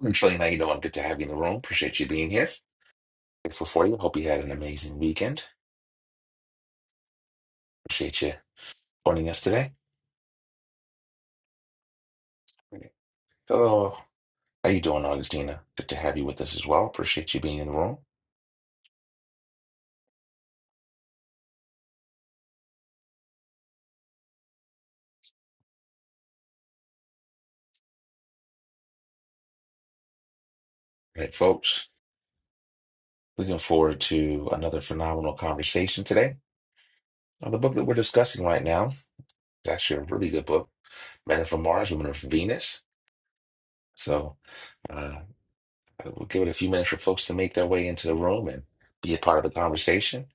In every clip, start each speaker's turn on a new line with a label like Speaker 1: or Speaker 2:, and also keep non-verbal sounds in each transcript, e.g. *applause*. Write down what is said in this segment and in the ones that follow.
Speaker 1: And Shirley, now you know I'm good to have you in the room. Appreciate you being here. Grateful for you. Hope you had an amazing weekend. Appreciate you joining us today. Hello. How you doing, Augustina? Good to have you with us as well. Appreciate you being in the room. All right, folks. Looking forward to another phenomenal conversation today. Now, the book that we're discussing right now is actually a really good book. men are from Mars, women are from Venus. So uh, we'll give it a few minutes for folks to make their way into the room and be a part of the conversation.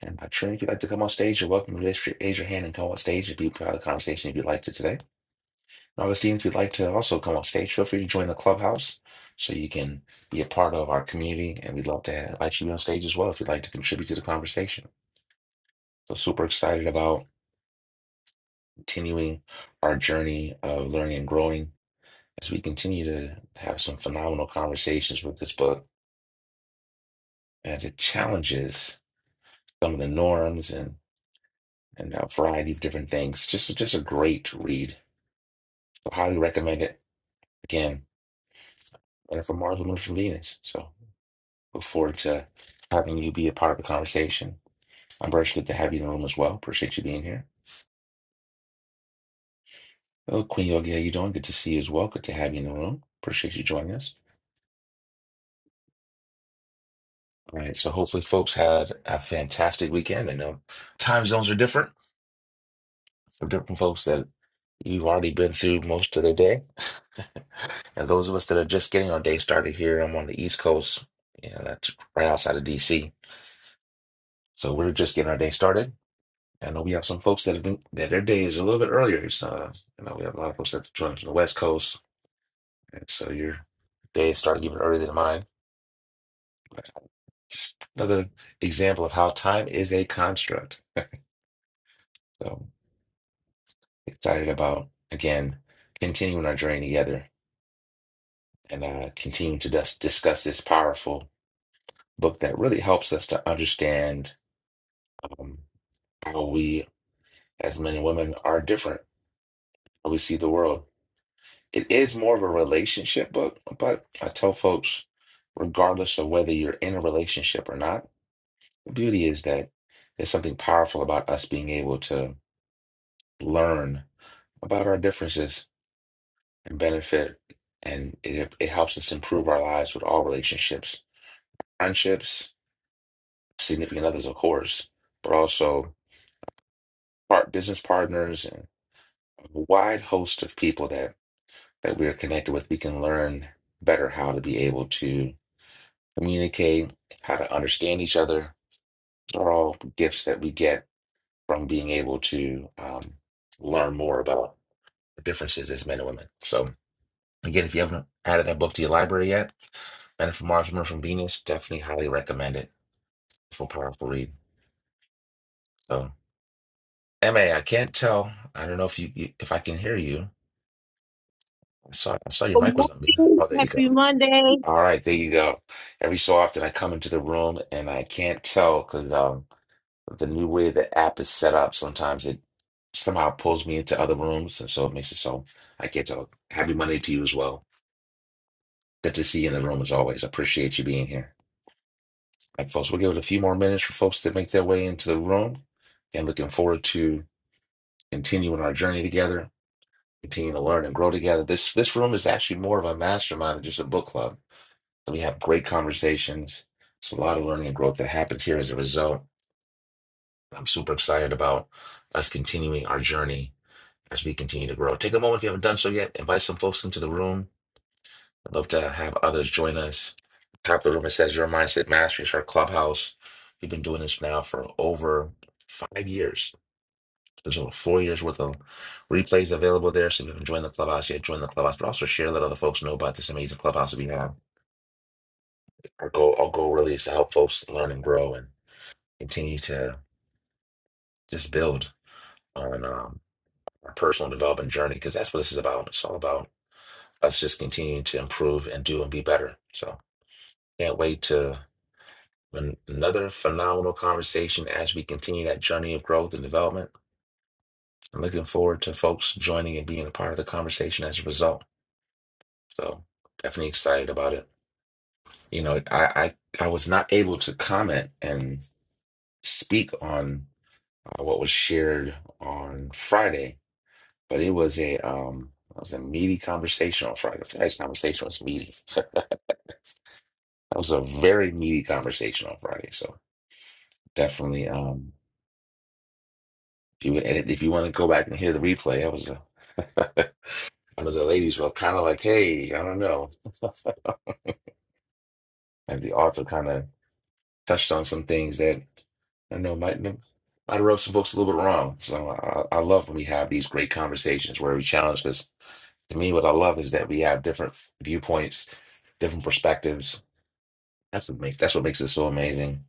Speaker 1: And uh, Trini, if you'd like to come on stage, you're welcome to raise your, raise your hand and come on stage and be a part of the conversation if you'd like to today. And Augustine, if you'd like to also come on stage, feel free to join the clubhouse so you can be a part of our community. And we'd love to have, invite you on stage as well if you'd like to contribute to the conversation. So super excited about continuing our journey of learning and growing as we continue to have some phenomenal conversations with this book, as it challenges some of the norms and and a variety of different things. Just just a great read. I highly recommend it. Again, and from Mars, Women from Venus. So look forward to having you be a part of the conversation. I'm very good to have you in the room as well. Appreciate you being here. Hello, Queen Yogi. How you doing? Good to see you as well. Good to have you in the room. Appreciate you joining us. All right. So hopefully folks had a fantastic weekend. I know time zones are different some different folks that you've already been through most of the day. *laughs* And those of us that are just getting our day started here, I'm on the East Coast, you know, that's right outside of DC. So we're just getting our day started. I know we have some folks that have been, that their day is a little bit earlier. So, you know, we have a lot of folks that join from the West Coast. And so your day started even earlier than mine. Just another example of how time is a construct. *laughs* So excited about, again, continuing our journey together and uh, continue to dis- discuss this powerful book that really helps us to understand um, how we, as men and women, are different, how we see the world. It is more of a relationship book, but I tell folks, regardless of whether you're in a relationship or not, the beauty is that there's something powerful about us being able to learn about our differences and benefit, and it, it helps us improve our lives with all relationships, friendships significant others, of course, but also part business partners and a wide host of people that that we are connected with. We can learn better how to be able to communicate, how to understand each other. These are all gifts that we get from being able to um, learn more about the differences as men and women. So again, if you haven't added that book to your library yet, Men from Mars, Women from Venus, definitely highly recommend it. It's a powerful read. So. Ma, I can't tell. I don't know if you- if I can hear you. I saw, I saw your
Speaker 2: Good
Speaker 1: mic was on.
Speaker 2: morning.
Speaker 1: Oh, there you go.
Speaker 2: Happy Monday.
Speaker 1: All right, there you go. Every so often I come into the room and I can't tell because um, the new way the app is set up, sometimes it somehow pulls me into other rooms. And so it makes it so I can't tell. Happy Monday to you as well. Good to see you in the room as always. Appreciate you being here. All right, folks, we'll give it a few more minutes for folks to make their way into the room and looking forward to continuing our journey together, continuing to learn and grow together. This this room is actually more of a mastermind than just a book club We have great conversations. It's a lot of learning and growth that happens here as a result. I'm super excited about us continuing our journey as we continue to grow. Take a moment if you haven't done so yet. Invite some folks into the room. I'd love to have others join us. Top of the room, it says your mindset mastery is our clubhouse. We've been doing this now for over five years. There's over four years worth of replays available there. So if you can join the clubhouse yet, join the clubhouse, but also share, let other folks know about this amazing clubhouse that we have our goal our goal really is to help folks learn and grow. and continue to just build on um, our personal development journey because that's what this is about. It's all about us just continuing to improve and do and be better. So can't wait to an- another phenomenal conversation as we continue that journey of growth and development. I'm looking forward to folks joining and being a part of the conversation as a result. So definitely excited about it. You know, I I, I was not able to comment and speak on uh, what was shared on Friday But it was a um it was a meaty conversation on Friday. Friday's conversation was meaty. *laughs* That was a very meaty conversation on Friday. So definitely um if you and if you want to go back and hear the replay, that was a *laughs* one of the ladies were kind of like, hey, I don't know. *laughs* And the author kind of touched on some things that I don't know might might have rubbed some folks a little bit wrong. So I, I love when we have these great conversations where we challenge because to me, what I love is that we have different viewpoints, different perspectives That's what makes that's what makes it so amazing.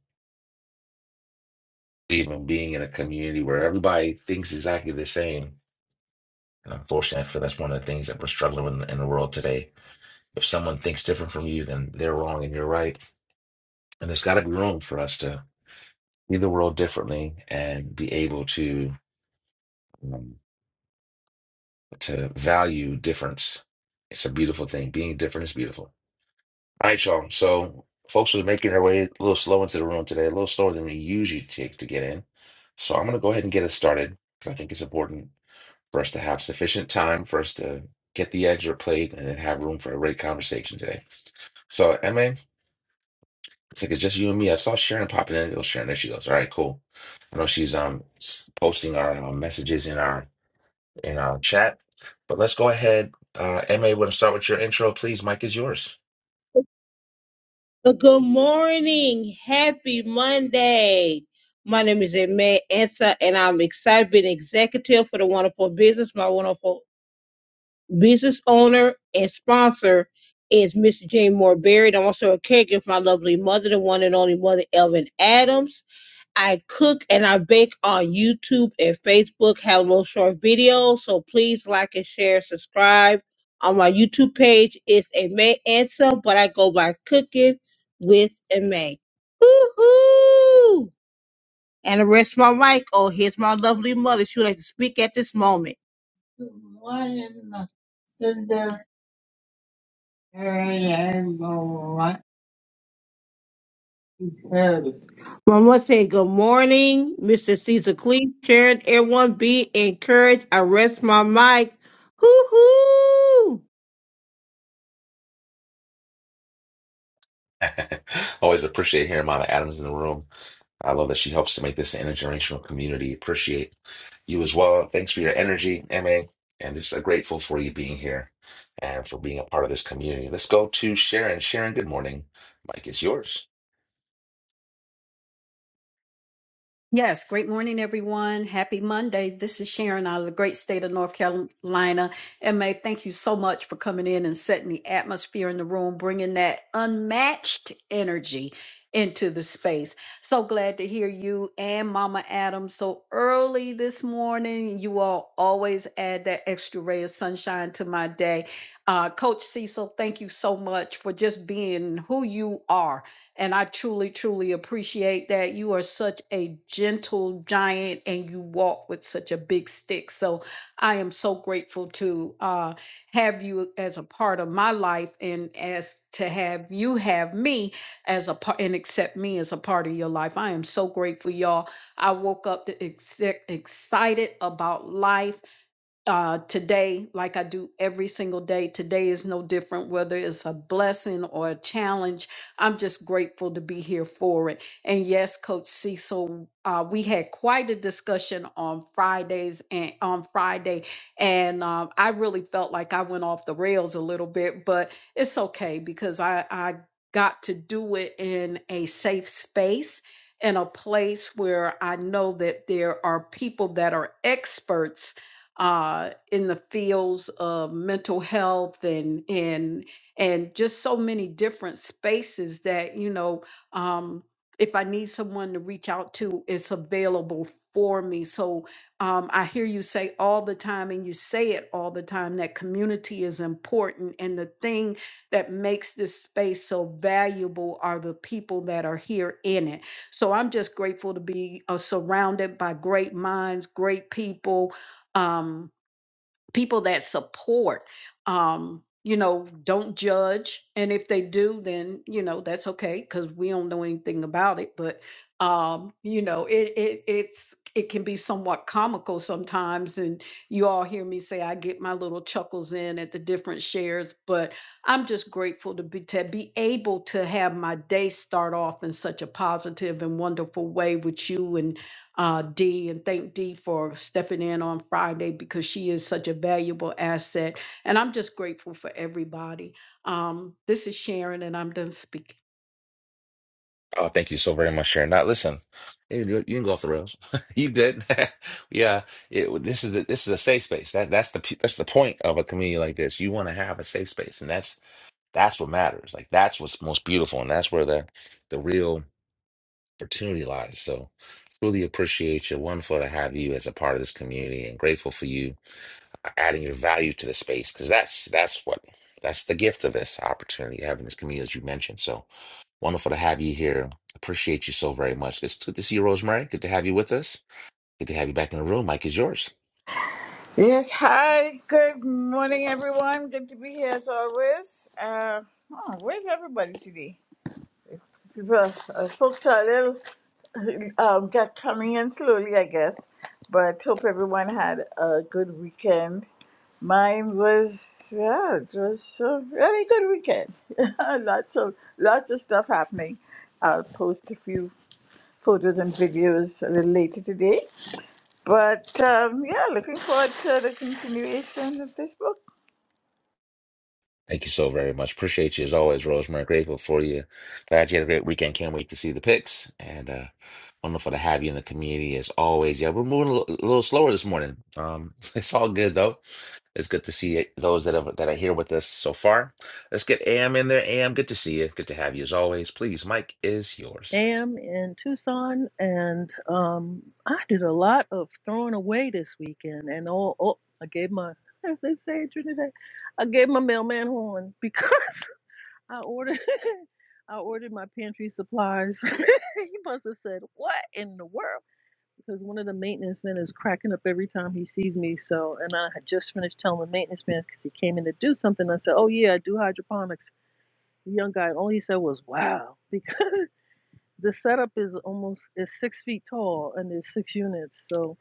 Speaker 1: Even being in a community where everybody thinks exactly the same. And unfortunately, I feel that's one of the things that we're struggling with in, the, in the world today. If someone thinks different from you, then they're wrong and you're right. And there's got to be room for us to see the world differently and be able to um, to value difference. It's a beautiful thing. Being different is beautiful. All right, y'all. So, folks was making their way a little slow into the room today, a little slower than we usually take to get in. So, I'm going to go ahead and get us started because I think it's important for us to have sufficient time for us to get the eggs plate and then have room for a great conversation today. So, Emma, it's like it's just you and me. I saw Sharon popping in. Oh, Sharon, there she goes. All right, cool. I know she's um s- posting our um, messages in our in our chat, but let's go ahead. Uh, Emma, we to start with your intro, please. Mike is yours.
Speaker 2: Uh, Good morning. Happy Monday. My name is Aimee Ansa, and I'm excited to be an executive for the wonderful business. My wonderful business owner and sponsor is Miss Jane Moore Berry. and I'm also a caregiver for my lovely mother, the one and only mother, Elvin Adams. I cook and I bake on YouTube and Facebook, have little short videos. So please like and share, subscribe on my YouTube page. It's a May answer, but I go by cooking with a May. Woohoo! And the rest of my mic. Oh, here's my lovely mother. She would like to speak at this moment. What is the- Amen. One more say good morning, Mr. Caesar Cleese. Sharon, everyone be encouraged. I rest my mic. Hoo hoo.
Speaker 1: *laughs* Always appreciate hearing Mama Adams in the room. I love that she helps to make this an intergenerational community. Appreciate you as well. Thanks for your energy, MA, and just uh, grateful for you being here and for being a part of this community. Let's go to Sharon. Sharon, good morning. Mike, it's yours.
Speaker 3: Yes, great morning, everyone. Happy Monday. This is Sharon out of the great state of North Carolina. And May, thank you so much for coming in and setting the atmosphere in the room, bringing that unmatched energy into the space. So glad to hear you and Mama Adams so early this morning. You all always add that extra ray of sunshine to my day. Uh, Coach Cecil, thank you so much for just being who you are and I truly, truly appreciate that. You are such a gentle giant and you walk with such a big stick. So I am so grateful to uh, have you as a part of my life and as to have you have me as a part and accept me as a part of your life. I am so grateful, y'all. I woke up the exec- excited about life uh, today, like I do every single day. Today is no different, whether it's a blessing or a challenge. I'm just grateful to be here for it. And yes, Coach Cecil, uh, we had quite a discussion on Fridays and on Friday, and um, I really felt like I went off the rails a little bit, but it's okay because I I got to do it in a safe space. In a place where I know that there are people that are experts uh, in the fields of mental health and and and just so many different spaces that you know um, if I need someone to reach out to, it's available for me. So um, I hear you say all the time, and you say it all the time that community is important, and the thing that makes this space so valuable are the people that are here in it. So I'm just grateful to be uh, surrounded by great minds, great people, um, people that support. Um, you know, don't judge, and if they do, then you know that's okay because we don't know anything about it. But um, you know, it it it's it can be somewhat comical sometimes, and you all hear me say I get my little chuckles in at the different shares. But I'm just grateful to be to be able to have my day start off in such a positive and wonderful way with you and uh, Dee and thank Dee for stepping in on Friday because she is such a valuable asset. And I'm just grateful for everybody. Um, this is Sharon, and I'm done speaking.
Speaker 1: Oh, thank you so very much, Sharon. Now, listen, you you you can go off the rails. *laughs* You good? *laughs* Yeah, it, this is the, this is a safe space. That that's the p- that's the point of a community like this. You want to have a safe space, and that's that's what matters. Like that's what's most beautiful, and that's where the the real opportunity lies. So, truly appreciate you. Wonderful to have you as a part of this community, and grateful for you adding your value to the space because that's that's what that's the gift of this opportunity having this community as you mentioned so wonderful to have you here appreciate you so very much it's good to see you rosemary good to have you with us good to have you back in the room mike is yours
Speaker 4: Yes, hi. Good morning, everyone. Good to be here as always. Uh, oh, where's everybody today? People, uh, folks are a little uh, um, got coming in slowly, I guess. But hope everyone had a good weekend. Mine was yeah, it was a really good weekend. *laughs* lots of lots of stuff happening. I'll post a few photos and videos a little later today. But um, yeah, looking forward to the continuation of this book.
Speaker 1: Thank you so very much. Appreciate you as always, Rosemary. Grateful for you. Glad you had a great weekend. Can't wait to see the pics. And uh, wonderful to have you in the community as always. Yeah, we're moving a li- a little slower this morning. Um, *laughs* it's all good though. It's good to see it- those that have, that are here with us so far. Let's get AM in there. AM, good to see you. Good to have you as always. Please, Mike is yours.
Speaker 5: am in Tucson, and um, I did a lot of throwing away this weekend. And oh, oh I gave my, *laughs* as they say in Trinidad, I gave my mailman horn because *laughs* I ordered, *laughs* I ordered my pantry supplies. *laughs* he must have said, "What in the world?" Because one of the maintenance men is cracking up every time he sees me. So, and I had just finished telling the maintenance man because he came in to do something. I said, "Oh yeah, I do hydroponics." The young guy, all he said was, "Wow," because *laughs* the setup is almost it's six feet tall and there's six units so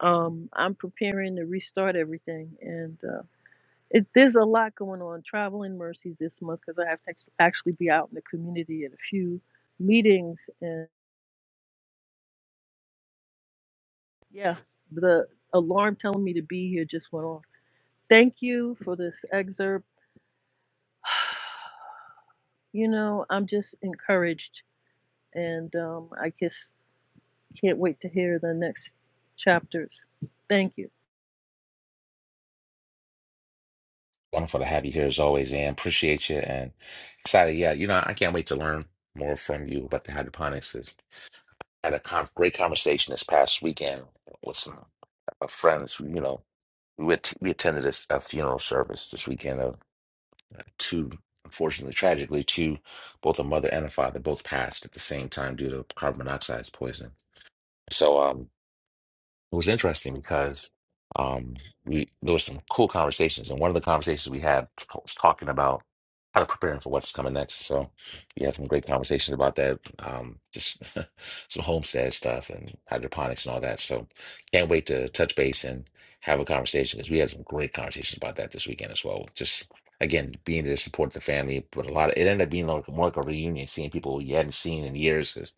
Speaker 5: um i'm preparing to restart everything and uh it, there's a lot going on traveling mercies this month because i have to act- actually be out in the community at a few meetings and yeah the alarm telling me to be here just went off thank you for this excerpt *sighs* you know i'm just encouraged and um i just can't wait to hear the next chapters thank you
Speaker 1: Wonderful to have you here as always, AM. Appreciate you and excited. Yeah, you know, I can't wait to learn more from you about the hydroponics. had a con great conversation this past weekend with some uh, friends. who, You know, we went, we attended a, s- a funeral service this weekend of two, unfortunately, tragically, two, both a mother and a father, both passed at the same time due to carbon monoxide poisoning. So, um, it was interesting because um, we there was some cool conversations, and one of the conversations we had was talking about how to prepare for what's coming next. So we had some great conversations about that, um, just *laughs* some homestead stuff and hydroponics and all that. So can't wait to touch base and have a conversation because we had some great conversations about that this weekend as well. Just again, being there to support the family, but a lot of it ended up being like more like a reunion, seeing people you hadn't seen in years. 'cause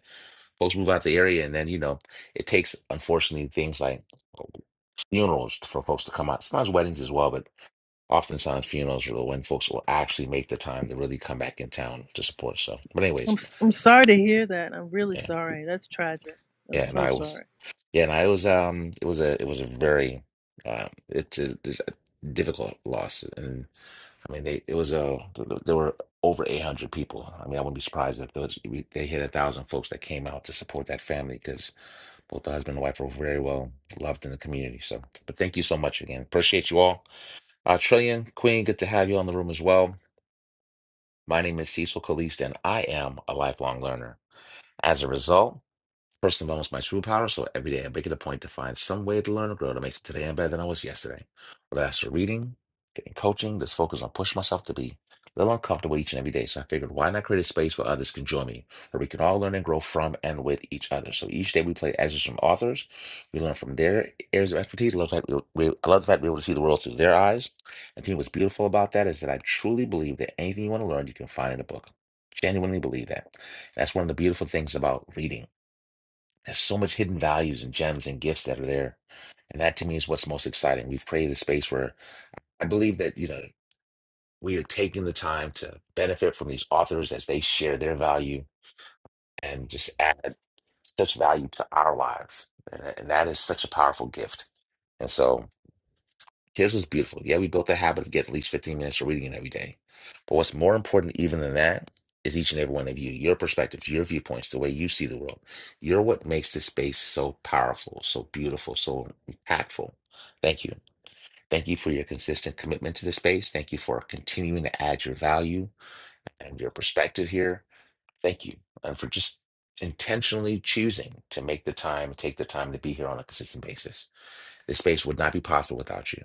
Speaker 1: folks move out the area and then you know it takes, unfortunately, things like oh, funerals for folks to come out. Sometimes weddings as well, but oftentimes funerals are when folks will actually make the time to really come back in town to support So, But
Speaker 5: I'm
Speaker 1: anyways,
Speaker 5: s- I'm sorry to hear that. I'm really
Speaker 1: yeah,
Speaker 5: sorry. That's tragic. I'm
Speaker 1: yeah, and
Speaker 5: so
Speaker 1: I was,
Speaker 5: sorry.
Speaker 1: yeah, and I was, um, it was a, it was a very, uh, it's a, it's a difficult loss, and. I mean, they it was a. there were over 800 people. I mean, I wouldn't be surprised if it was, we, they hit a thousand folks that came out to support that family because both the husband and wife were very well loved in the community. So, but thank you so much again. Appreciate you all. Uh, Trillion Queen, good to have you on the room as well. My name is Cecil Caliste, and I am a lifelong learner. As a result. First and foremost, my superpower. So every day I make it a point to find some way to learn or grow to make today I'm better than I was yesterday. Whether that's for reading, getting coaching, just focus on pushing myself to be a little uncomfortable each and every day. So I figured, why not create a space where others can join me, where we can all learn and grow from and with each other. So each day we play excerpts from authors. We learn from their areas of expertise. I love the fact we, we- I love the fact we're able to see the world through their eyes. I think what's beautiful about that is that I truly believe that anything you want to learn, you can find in a book. Genuinely believe that. That's one of the beautiful things about reading there's so much hidden values and gems and gifts that are there. And that to me is what's most exciting. We've created a space where I believe that, you know, we are taking the time to benefit from these authors as they share their value and just add such value to our lives. And, and that is such a powerful gift. And so Here's what's beautiful. Yeah, we built the habit of getting at least 15 minutes of reading it every day. But what's more important even than that is each and every one of you, your perspectives, your viewpoints, the way you see the world. You're what makes this space so powerful, so beautiful, so impactful. Thank you. Thank you for your consistent commitment to the space. Thank you for continuing to add your value and your perspective here. Thank you. And for just intentionally choosing to make the time, take the time to be here on a consistent basis. This space would not be possible without you.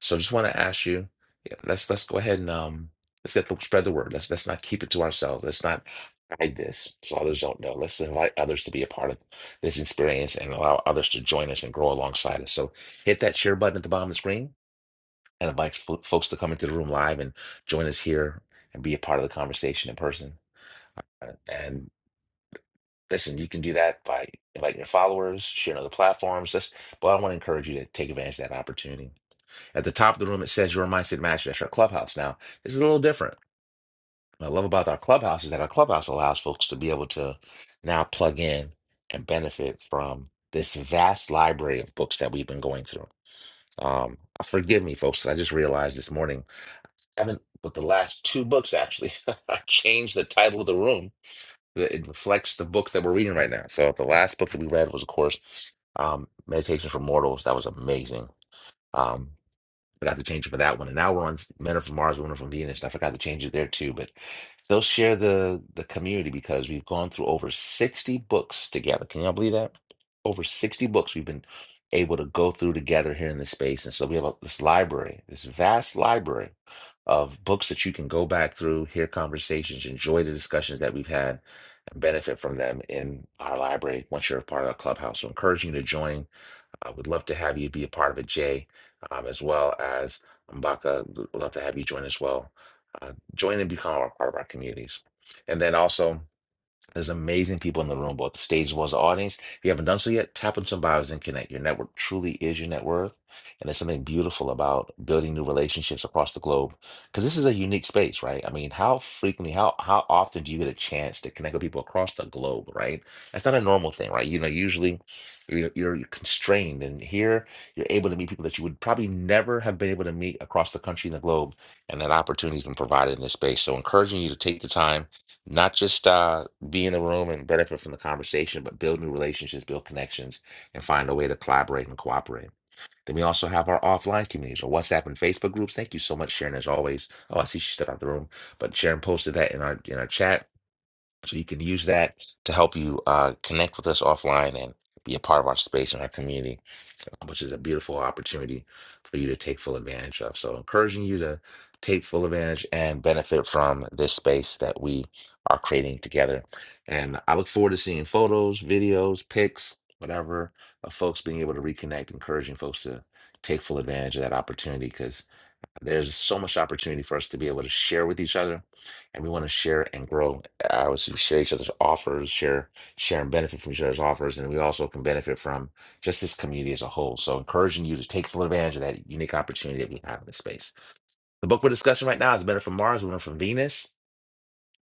Speaker 1: So just want to ask you, yeah, let's let's go ahead and um let's get the spread the word. Let's let's not keep it to ourselves. Let's not hide this so others don't know. Let's invite others to be a part of this experience and allow others to join us and grow alongside us. So hit that share button at the bottom of the screen and invite fo- folks to come into the room live and join us here and be a part of the conversation in person. Uh, And listen, you can do that by inviting your followers, sharing other platforms. Let's but I want to encourage you to take advantage of that opportunity at the top of the room, it says your mindset master. That's our clubhouse now. This is a little different. What I love about our clubhouse is that our clubhouse allows folks to be able to now plug in and benefit from this vast library of books that we've been going through. Um, forgive me, folks, 'cause I just realized this morning, I haven't, but the last two books actually, *laughs* I changed the title of the room. that It reflects the books that we're reading right now. So the last book that we read was, of course, um, Meditation for Mortals. That was amazing. Um, Forgot to change it for that one. And now we're on Men Are From Mars, Women Are From Venus. And I forgot to change it there too. But still, share the the community because we've gone through over 60 books together. Can y'all believe that? Over 60 books we've been able to go through together here in this space. And so we have a, this library, this vast library of books that you can go back through, hear conversations, enjoy the discussions that we've had, and benefit from them in our library once you're a part of our clubhouse. So encouraging you to join uh, we'd love to have you be a part of it, Jay, um, as well as Mbaka. We'd love to have you join as well. Uh, join and become a part of our communities. And then also, there's amazing people in the room, both the stage as well as the audience. If you haven't done so yet, tap on some bios and connect. Your network truly is your net worth. And there's something beautiful about building new relationships across the globe. Because this is a unique space, right? I mean, how frequently, how how often do you get a chance to connect with people across the globe, right? That's not a normal thing, right? You know, usually you're, you're constrained. And here you're able to meet people that you would probably never have been able to meet across the country and the globe. And that opportunity has been provided in this space. So encouraging you to take the time not just uh, be in the room and benefit from the conversation, but build new relationships, build connections, and find a way to collaborate and cooperate. Then we also have our offline communities, our WhatsApp and Facebook groups. Thank you so much, Sharon, as always. Oh, I see she stepped out the room, but Sharon posted that in our in our chat, so you can use that to help you uh, connect with us offline and be a part of our space and our community um, which is a beautiful opportunity for you to take full advantage of. So, encouraging you to take full advantage and benefit from this space that we are creating together. And I look forward to seeing photos, videos, pics, whatever, of folks being able to reconnect, encouraging folks to take full advantage of that opportunity because. There's so much opportunity for us to be able to share with each other, and we want to share and grow. uh, Obviously, share each other's offers, share share and benefit from each other's offers, and we also can benefit from just this community as a whole. So, encouraging you to take full advantage of that unique opportunity that we have in this space. The book we're discussing right now is Men Are From Mars, Women Are From Venus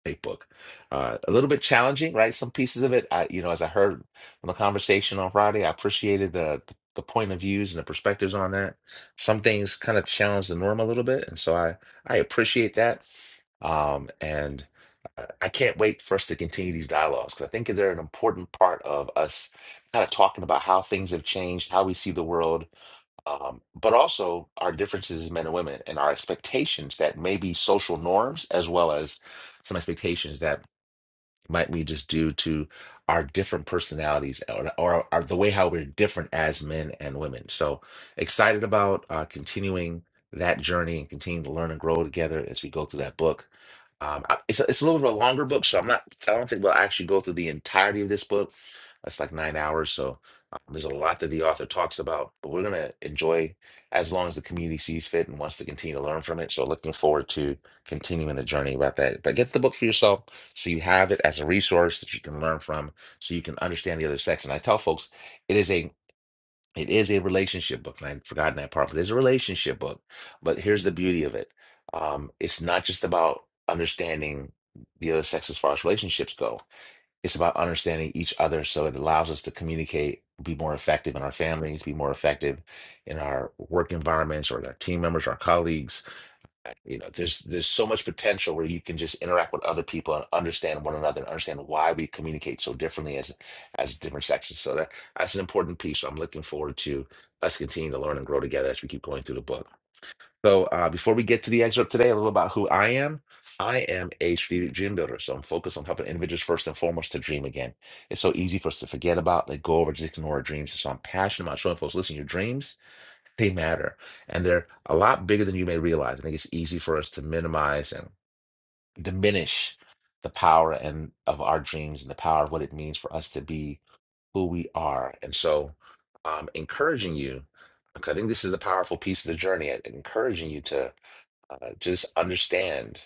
Speaker 1: Big book. Uh, a little bit challenging, right? Some pieces of it, I, you know, as I heard from the conversation on Friday, I appreciated the the point of views and the perspectives on that. Some things kind of challenge the norm a little bit, and so I I appreciate that. Um, and I I can't wait for us to continue these dialogues because I think they're an important part of us kind of talking about how things have changed, how we see the world, um, but also our differences as men and women and our expectations that may be social norms as well as some expectations that might we just do to our different personalities or, or, or the way how we're different as men and women so excited about uh, continuing that journey and continuing to learn and grow together as we go through that book um, I- it's, a, it's a little bit of a longer book so i'm not i don't think we'll actually go through the entirety of this book that's like nine hours so um, there's a lot that the author talks about but we're going to enjoy as long as the community sees fit and wants to continue to learn from it so looking forward to continuing the journey about that but get the book for yourself so you have it as a resource that you can learn from so you can understand the other sex. And I tell folks it is a it is a relationship book. And I'd forgotten that part, but it's a relationship book. But here's the beauty of it. Um, it's not just about understanding the other sex as far as relationships go. It's about understanding each other so it allows us to communicate, be more effective in our families, be more effective in our work environments or with our team members, our colleagues you know, there's there's so much potential where you can just interact with other people and understand one another and understand why we communicate so differently as as different sexes. So that that's an important piece. So I'm looking forward to us continuing to learn and grow together as we keep going through the book. So uh, before we get to the excerpt today, a little about who I am. I am a strategic dream builder, so I'm focused on helping individuals first and foremost to dream again. It's so easy for us to forget about, like, go over, just ignore our dreams. So I'm passionate about showing folks, listen, your dreams they matter and they're a lot bigger than you may realize. I think it's easy for us to minimize and diminish the power and of our dreams and the power of what it means for us to be who we are. And so, um, encouraging you, because I think this is a powerful piece of the journey, and encouraging you to uh, just understand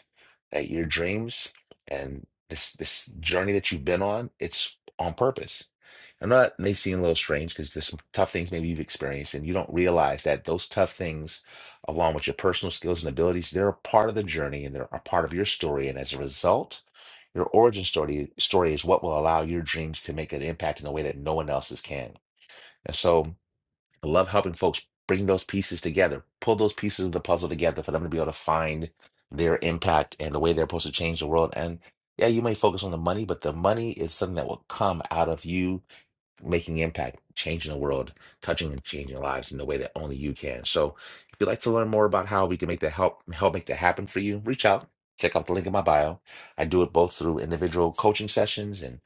Speaker 1: that your dreams and this this journey that you've been on, it's on purpose I know that may seem a little strange because there's some tough things maybe you've experienced and you don't realize that those tough things, along with your personal skills and abilities, they're a part of the journey and they're a part of your story. And as a result, your origin story story is what will allow your dreams to make an impact in a way that no one else's can. And so I love helping folks bring those pieces together, pull those pieces of the puzzle together for them to be able to find their impact and the way they're supposed to change the world. And yeah, you may focus on the money, but the money is something that will come out of you making impact, changing the world, touching and changing lives in the way that only you can. So if you'd like to learn more about how we can make that help help make that happen for you, reach out. Check out the link in my bio. I do it both through individual coaching sessions and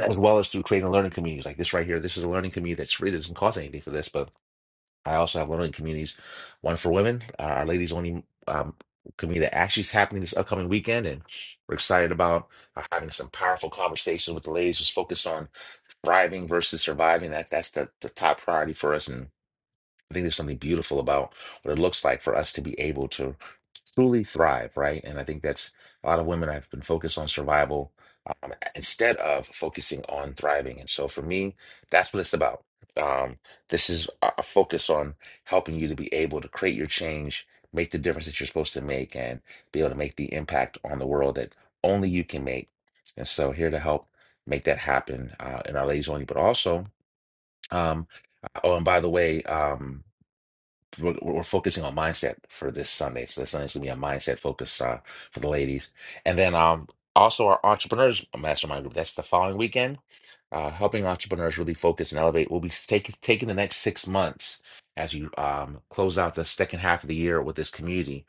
Speaker 1: as well as through creating learning communities like this right here. This is a learning community that's free. It doesn't cost anything for this, but I also have learning communities, one for women, uh, our ladies only um, community that actually is happening this upcoming weekend, and we're excited about uh, having some powerful conversations with the ladies, who's focused on thriving versus surviving. That that's the, the top priority for us, and I think there's something beautiful about what it looks like for us to be able to truly thrive, right? And I think that's a lot of women have been focused on survival um, instead of focusing on thriving. And so for me, that's what it's about. Um, this is a a focus on helping you to be able to create your change, make the difference that you're supposed to make, and be able to make the impact on the world that only you can make. And so here to help make that happen uh, in our ladies only, but also, um, oh, and by the way, um, we're, we're focusing on mindset for this Sunday. So this Sunday's gonna be a mindset focus uh, for the ladies, and then um also our entrepreneurs mastermind group. That's the following weekend uh, helping entrepreneurs really focus and elevate. We'll be taking taking the next six months as you um, close out the second half of the year with this community,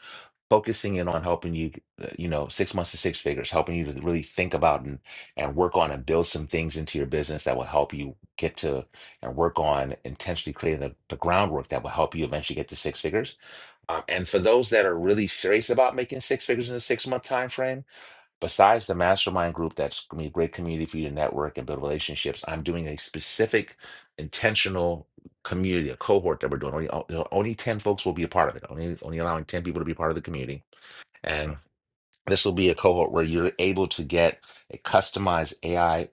Speaker 1: focusing in on helping you, uh, you know, six months to six figures, helping you to really think about and, and work on and build some things into your business that will help you get to and work on intentionally creating the, the groundwork that will help you eventually get to six figures. Um, and for those that are really serious about making six figures in a six month time frame besides the mastermind group that's going to be a great community for you to network and build relationships i'm doing a specific intentional community a cohort that we're doing only, o- only 10 folks will be a part of it only only allowing 10 people to be part of the community and this will be a cohort where you're able to get a customized ai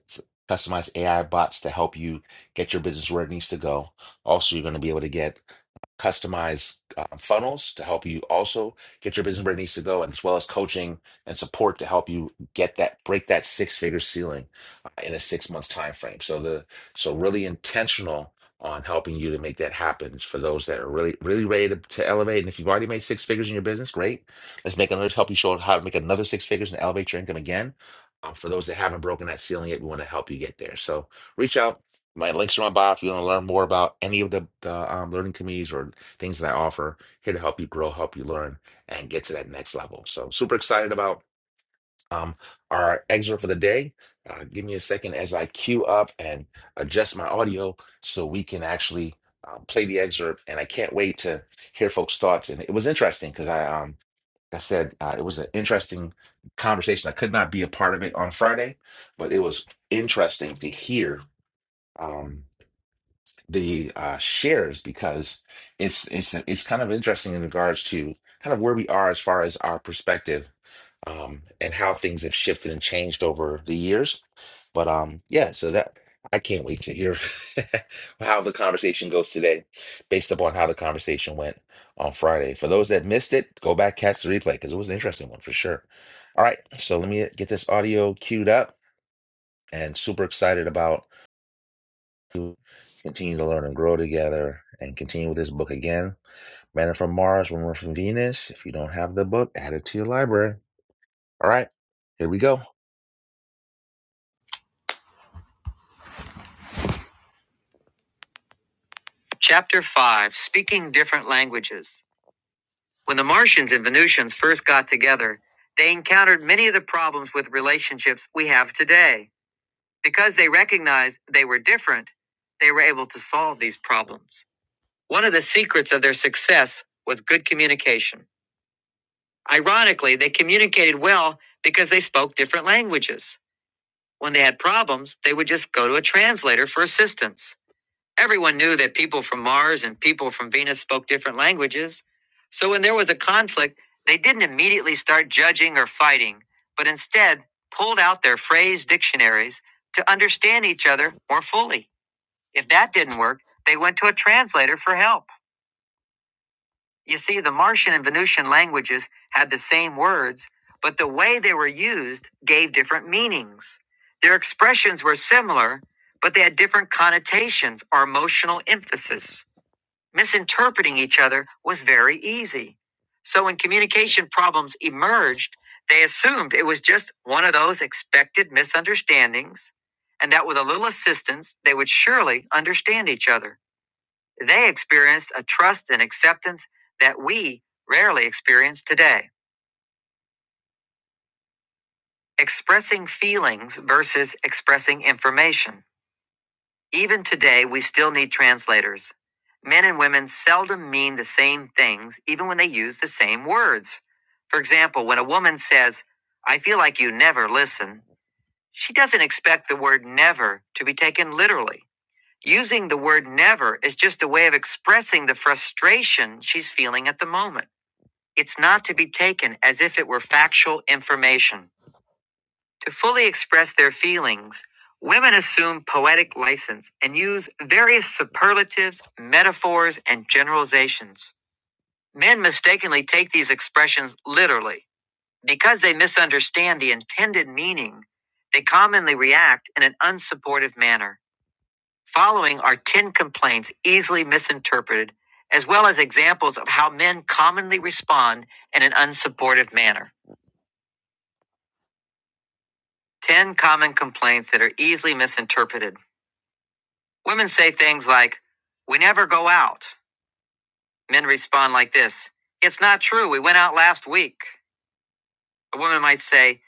Speaker 1: customized ai bots to help you get your business where it needs to go also you're going to be able to get customized uh, funnels to help you also get your business where it needs to go, as well as coaching and support to help you get that break that six figure ceiling uh, in a six month time frame. So the so really intentional on helping you to make that happen for those that are really really ready to, to elevate. And if you've already made six figures in your business, great. Let's make another help you show how to make another six figures and elevate your income again. Um, for those that haven't broken that ceiling yet, we want to help you get there. So reach out my links are in my bio. If you want to learn more about any of the, the um, learning communities or things that I offer, here to help you grow, help you learn, and get to that next level. So, super excited about um, our excerpt for the day. Uh, give me a second as I queue up and adjust my audio so we can actually um, play the excerpt. And I can't wait to hear folks' thoughts. And it was interesting because I, um, like I said, uh, it was an interesting conversation. I could not be a part of it on Friday, but it was interesting to hear. Um, the uh, shares because it's it's it's kind of interesting in regards to kind of where we are as far as our perspective um, and how things have shifted and changed over the years. But um, yeah, so that I can't wait to hear *laughs* how the conversation goes today, based upon how the conversation went on Friday. For those that missed it, go back catch the replay because it was an interesting one for sure. All right, so let me get this audio queued up and super excited about to continue to learn and grow together and continue with this book again. Man from Mars, Woman from Venus. If you don't have the book, add it to your library. All right, here we go. Chapter 5 Speaking Different Languages. When the Martians and Venusians first got together, they encountered many of the problems with relationships we have today. Because they recognized they were different, they were able to solve these problems. One of the secrets of their success was good communication. Ironically, they communicated well because they spoke different languages. When they had problems, they would just go to a translator for assistance. Everyone knew that people from Mars and people from Venus spoke different languages. So when there was a conflict, they didn't immediately start judging or fighting, but instead pulled out their phrase dictionaries to understand each other more fully. If that didn't work, they went to a translator for help. You see, the Martian and Venusian languages had the same words, but the way they were used gave different meanings. Their expressions were similar, but they had different connotations or emotional emphasis. Misinterpreting each other was very easy. So when communication problems emerged, they assumed it was just one of those expected misunderstandings, and that with a little assistance, they would surely understand each other. They experienced a trust and acceptance that we rarely experience today. Expressing feelings versus expressing information. Even today, we still need translators. Men and women seldom mean the same things, even when they use the same words. For example, when a woman says, I feel like you never listen, she doesn't expect the word never to be taken literally. Using the word never is just a way of expressing the frustration she's feeling at the moment. It's not to be taken as if it were factual information. To fully express their feelings, women assume poetic license and use various superlatives, metaphors, and generalizations. Men mistakenly take these expressions literally. Because they misunderstand the intended meaning, they commonly react in an unsupportive manner. Following are 10 complaints easily misinterpreted, as well as examples of how men commonly respond in an unsupportive manner. 10 common complaints that are easily misinterpreted. Women say things like, We never go out. Men respond like this It's not true. We went out last week. A woman might say,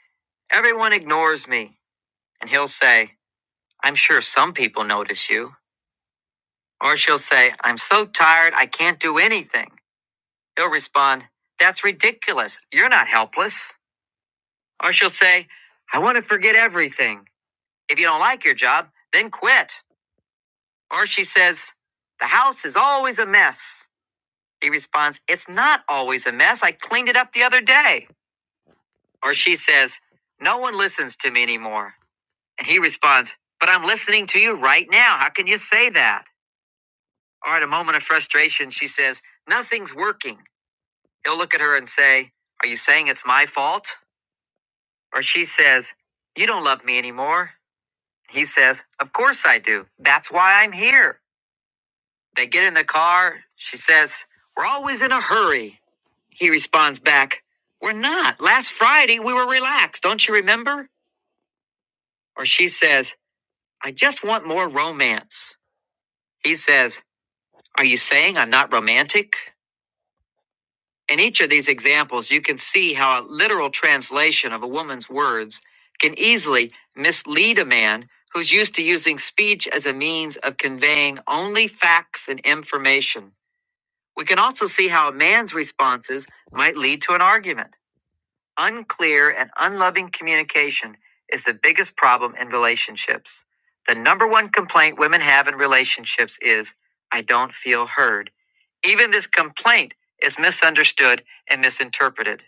Speaker 1: Everyone ignores me. And he'll say, I'm sure some people notice you. Or she'll say, I'm so tired, I can't do anything. He'll respond, That's ridiculous. You're not helpless. Or she'll say, I want to forget everything. If you don't like your job, then quit. Or she says, The house is always a mess. He responds, It's not always a mess. I cleaned it up the other day. Or she says, No one listens to me anymore. And he responds, But I'm listening to you right now. How can you say that? Or at a moment of frustration, she says, Nothing's working. He'll look at her and say, Are you saying it's my fault? Or she says, You don't love me anymore. He says, Of course I do. That's why I'm here. They get in the car. She says, We're always in a hurry. He responds back, We're not. Last Friday, we were relaxed. Don't you remember? Or she says, I just want more romance. He says, Are you saying I'm not romantic? In each of these examples, you can see how a literal translation of a woman's words can easily mislead a man who's used to using speech as a means of conveying only facts and information. We can also see how a man's responses might lead to an argument. Unclear and unloving communication is the biggest problem in relationships. The number one complaint women have in relationships is, I don't feel heard. Even this complaint is misunderstood and misinterpreted.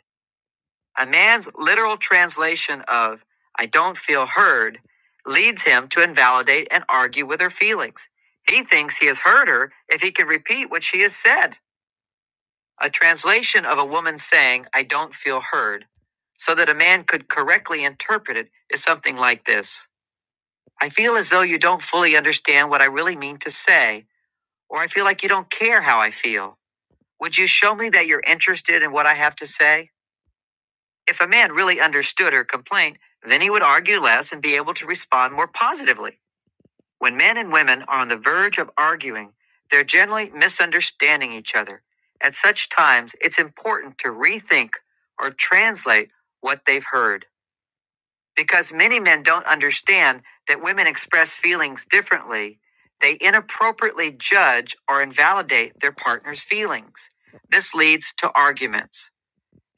Speaker 1: A man's literal translation of, I don't feel heard, leads him to invalidate and argue with her feelings. He thinks he has heard her if he can repeat what she has said a translation of a woman saying, I don't feel heard, so that a man could correctly interpret it, is something like this I feel as though you don't fully understand what I really mean to say, or I feel like you don't care how I feel. Would you show me that you're interested in what I have to say? If a man really understood her complaint, then he would argue less and be able to respond more positively. When men and women are on the verge of arguing, they're generally misunderstanding each other. At such times, it's important to rethink or translate what they've heard. Because many men don't understand that women express feelings differently, they inappropriately judge or invalidate their partner's feelings. This leads to arguments.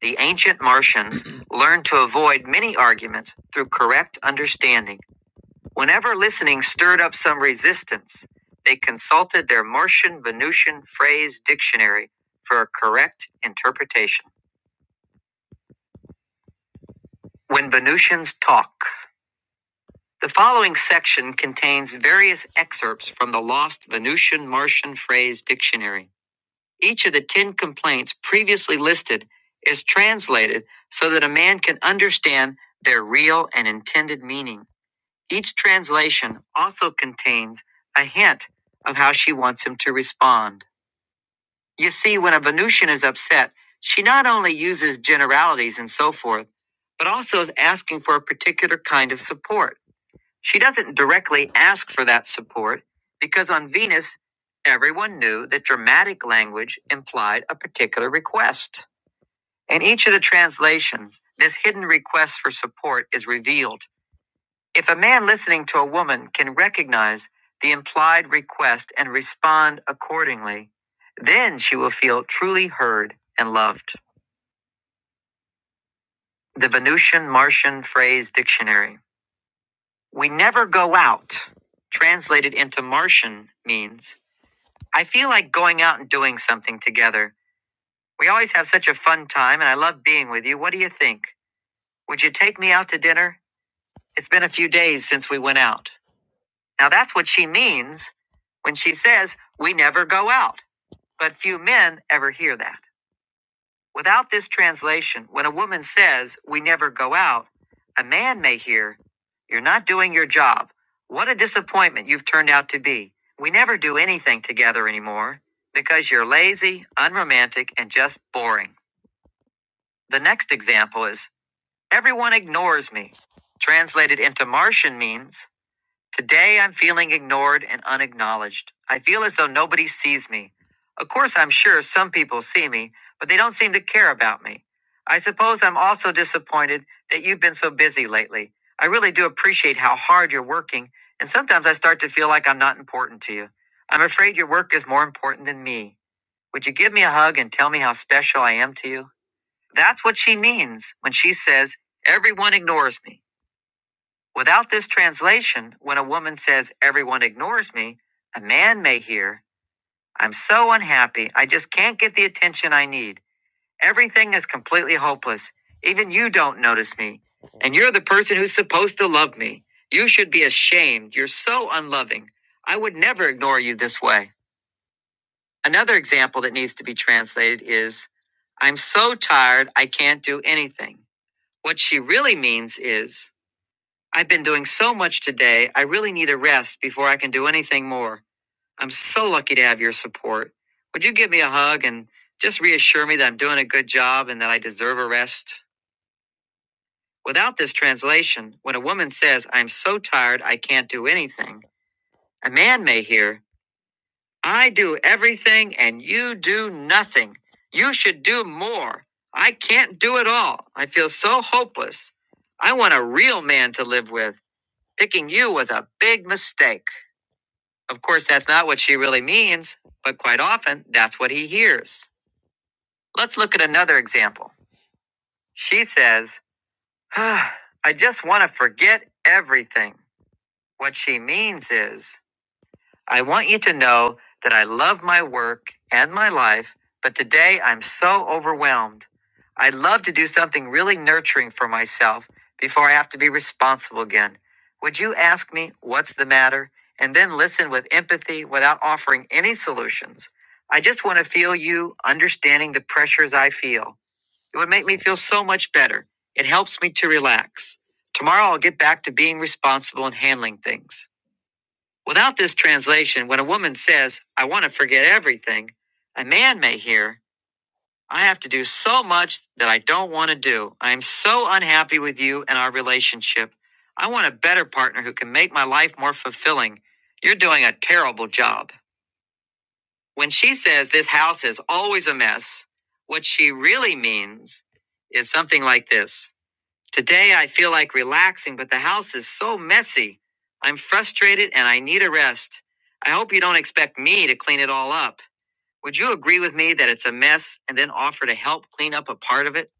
Speaker 1: The ancient Martians *clears throat* learned to avoid many arguments through correct understanding. Whenever listening stirred up some resistance, they consulted their Martian Venusian phrase dictionary for a correct interpretation. When Venusians talk, the following section contains various excerpts from the lost Venusian Martian phrase dictionary. Each of the 10 complaints previously listed is translated so that a man can understand their real and intended meaning. Each translation also contains a hint of how she wants him to respond. You see, when a Venusian is upset, she not only uses generalities and so forth, but also is asking for a particular kind of support. She doesn't directly ask for that support because on Venus, everyone knew that dramatic language implied a particular request. In each of the translations, this hidden request for support is revealed. If a man listening to a woman can recognize the implied request and respond accordingly, then she will feel truly heard and loved. The Venusian Martian Phrase Dictionary. We never go out, translated into Martian, means I feel like going out and doing something together. We always have such a fun time and I love being with you. What do you think? Would you take me out to dinner? It's been a few days since we went out. Now that's what she means when she says, We never go out. But few men ever hear that. Without this translation, when a woman says, We never go out, a man may hear, You're not doing your job. What a disappointment you've turned out to be. We never do anything together anymore because you're lazy, unromantic, and just boring. The next example is, Everyone ignores me. Translated into Martian means, Today I'm feeling ignored and unacknowledged. I feel as though nobody sees me. Of course, I'm sure some people see me, but they don't seem to care about me. I suppose I'm also disappointed that you've been so busy lately. I really do appreciate how hard you're working, and sometimes I start to feel like I'm not important to you. I'm afraid your work is more important than me. Would you give me a hug and tell me how special I am to you? That's what she means when she says, Everyone ignores me. Without this translation, when a woman says, Everyone ignores me, a man may hear, I'm so unhappy, I just can't get the attention I need. Everything is completely hopeless. Even you don't notice me. And you're the person who's supposed to love me. You should be ashamed. You're so unloving. I would never ignore you this way. Another example that needs to be translated is, I'm so tired, I can't do anything. What she really means is, I've been doing so much today, I really need a rest before I can do anything more. I'm so lucky to have your support. Would you give me a hug and just reassure me that I'm doing a good job and that I deserve a rest? Without this translation, when a woman says, I'm so tired I can't do anything, a man may hear, I do everything and you do nothing. You should do more. I can't do it all. I feel so hopeless. I want a real man to live with. Picking you was a big mistake. Of course, that's not what she really means, but quite often that's what he hears. Let's look at another example. She says, *sighs* "Ah, I just want to forget everything. What she means is, I want you to know that I love my work and my life, but today I'm so overwhelmed. I'd love to do something really nurturing for myself before I have to be responsible again. Would you ask me what's the matter and then listen with empathy without offering any solutions? I just want to feel you understanding the pressures I feel. It would make me feel so much better. It helps me to relax. Tomorrow I'll get back to being responsible and handling things. Without this translation, when a woman says, I want to forget everything, a man may hear, I have to do so much that I don't want to do. I am so unhappy with you and our relationship. I want a better partner who can make my life more fulfilling. You're doing a terrible job. When she says this house is always a mess, what she really means is something like this. Today I feel like relaxing, but the house is so messy. I'm frustrated and I need a rest. I hope you don't expect me to clean it all up. Would you agree with me that it's a mess and then offer to help clean up a part of it?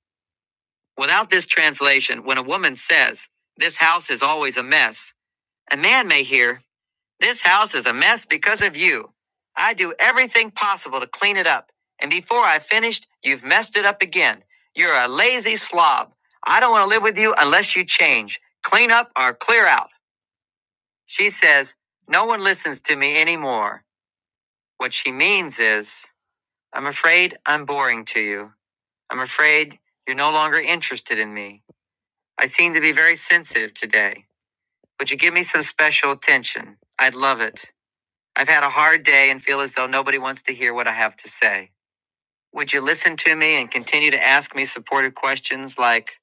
Speaker 1: Without this translation, when a woman says, This house is always a mess, a man may hear, this house is a mess because of you. I do everything possible to clean it up, and before I finished, you've messed it up again. You're a lazy slob. I don't want to live with you unless you change. Clean up or clear out. She says, No one listens to me anymore. What she means is, I'm afraid I'm boring to you. I'm afraid you're no longer interested in me. I seem to be very sensitive today. Would you give me some special attention? I'd love it. I've had a hard day and feel as though nobody wants to hear what I have to say. Would you listen to me and continue to ask me supportive questions like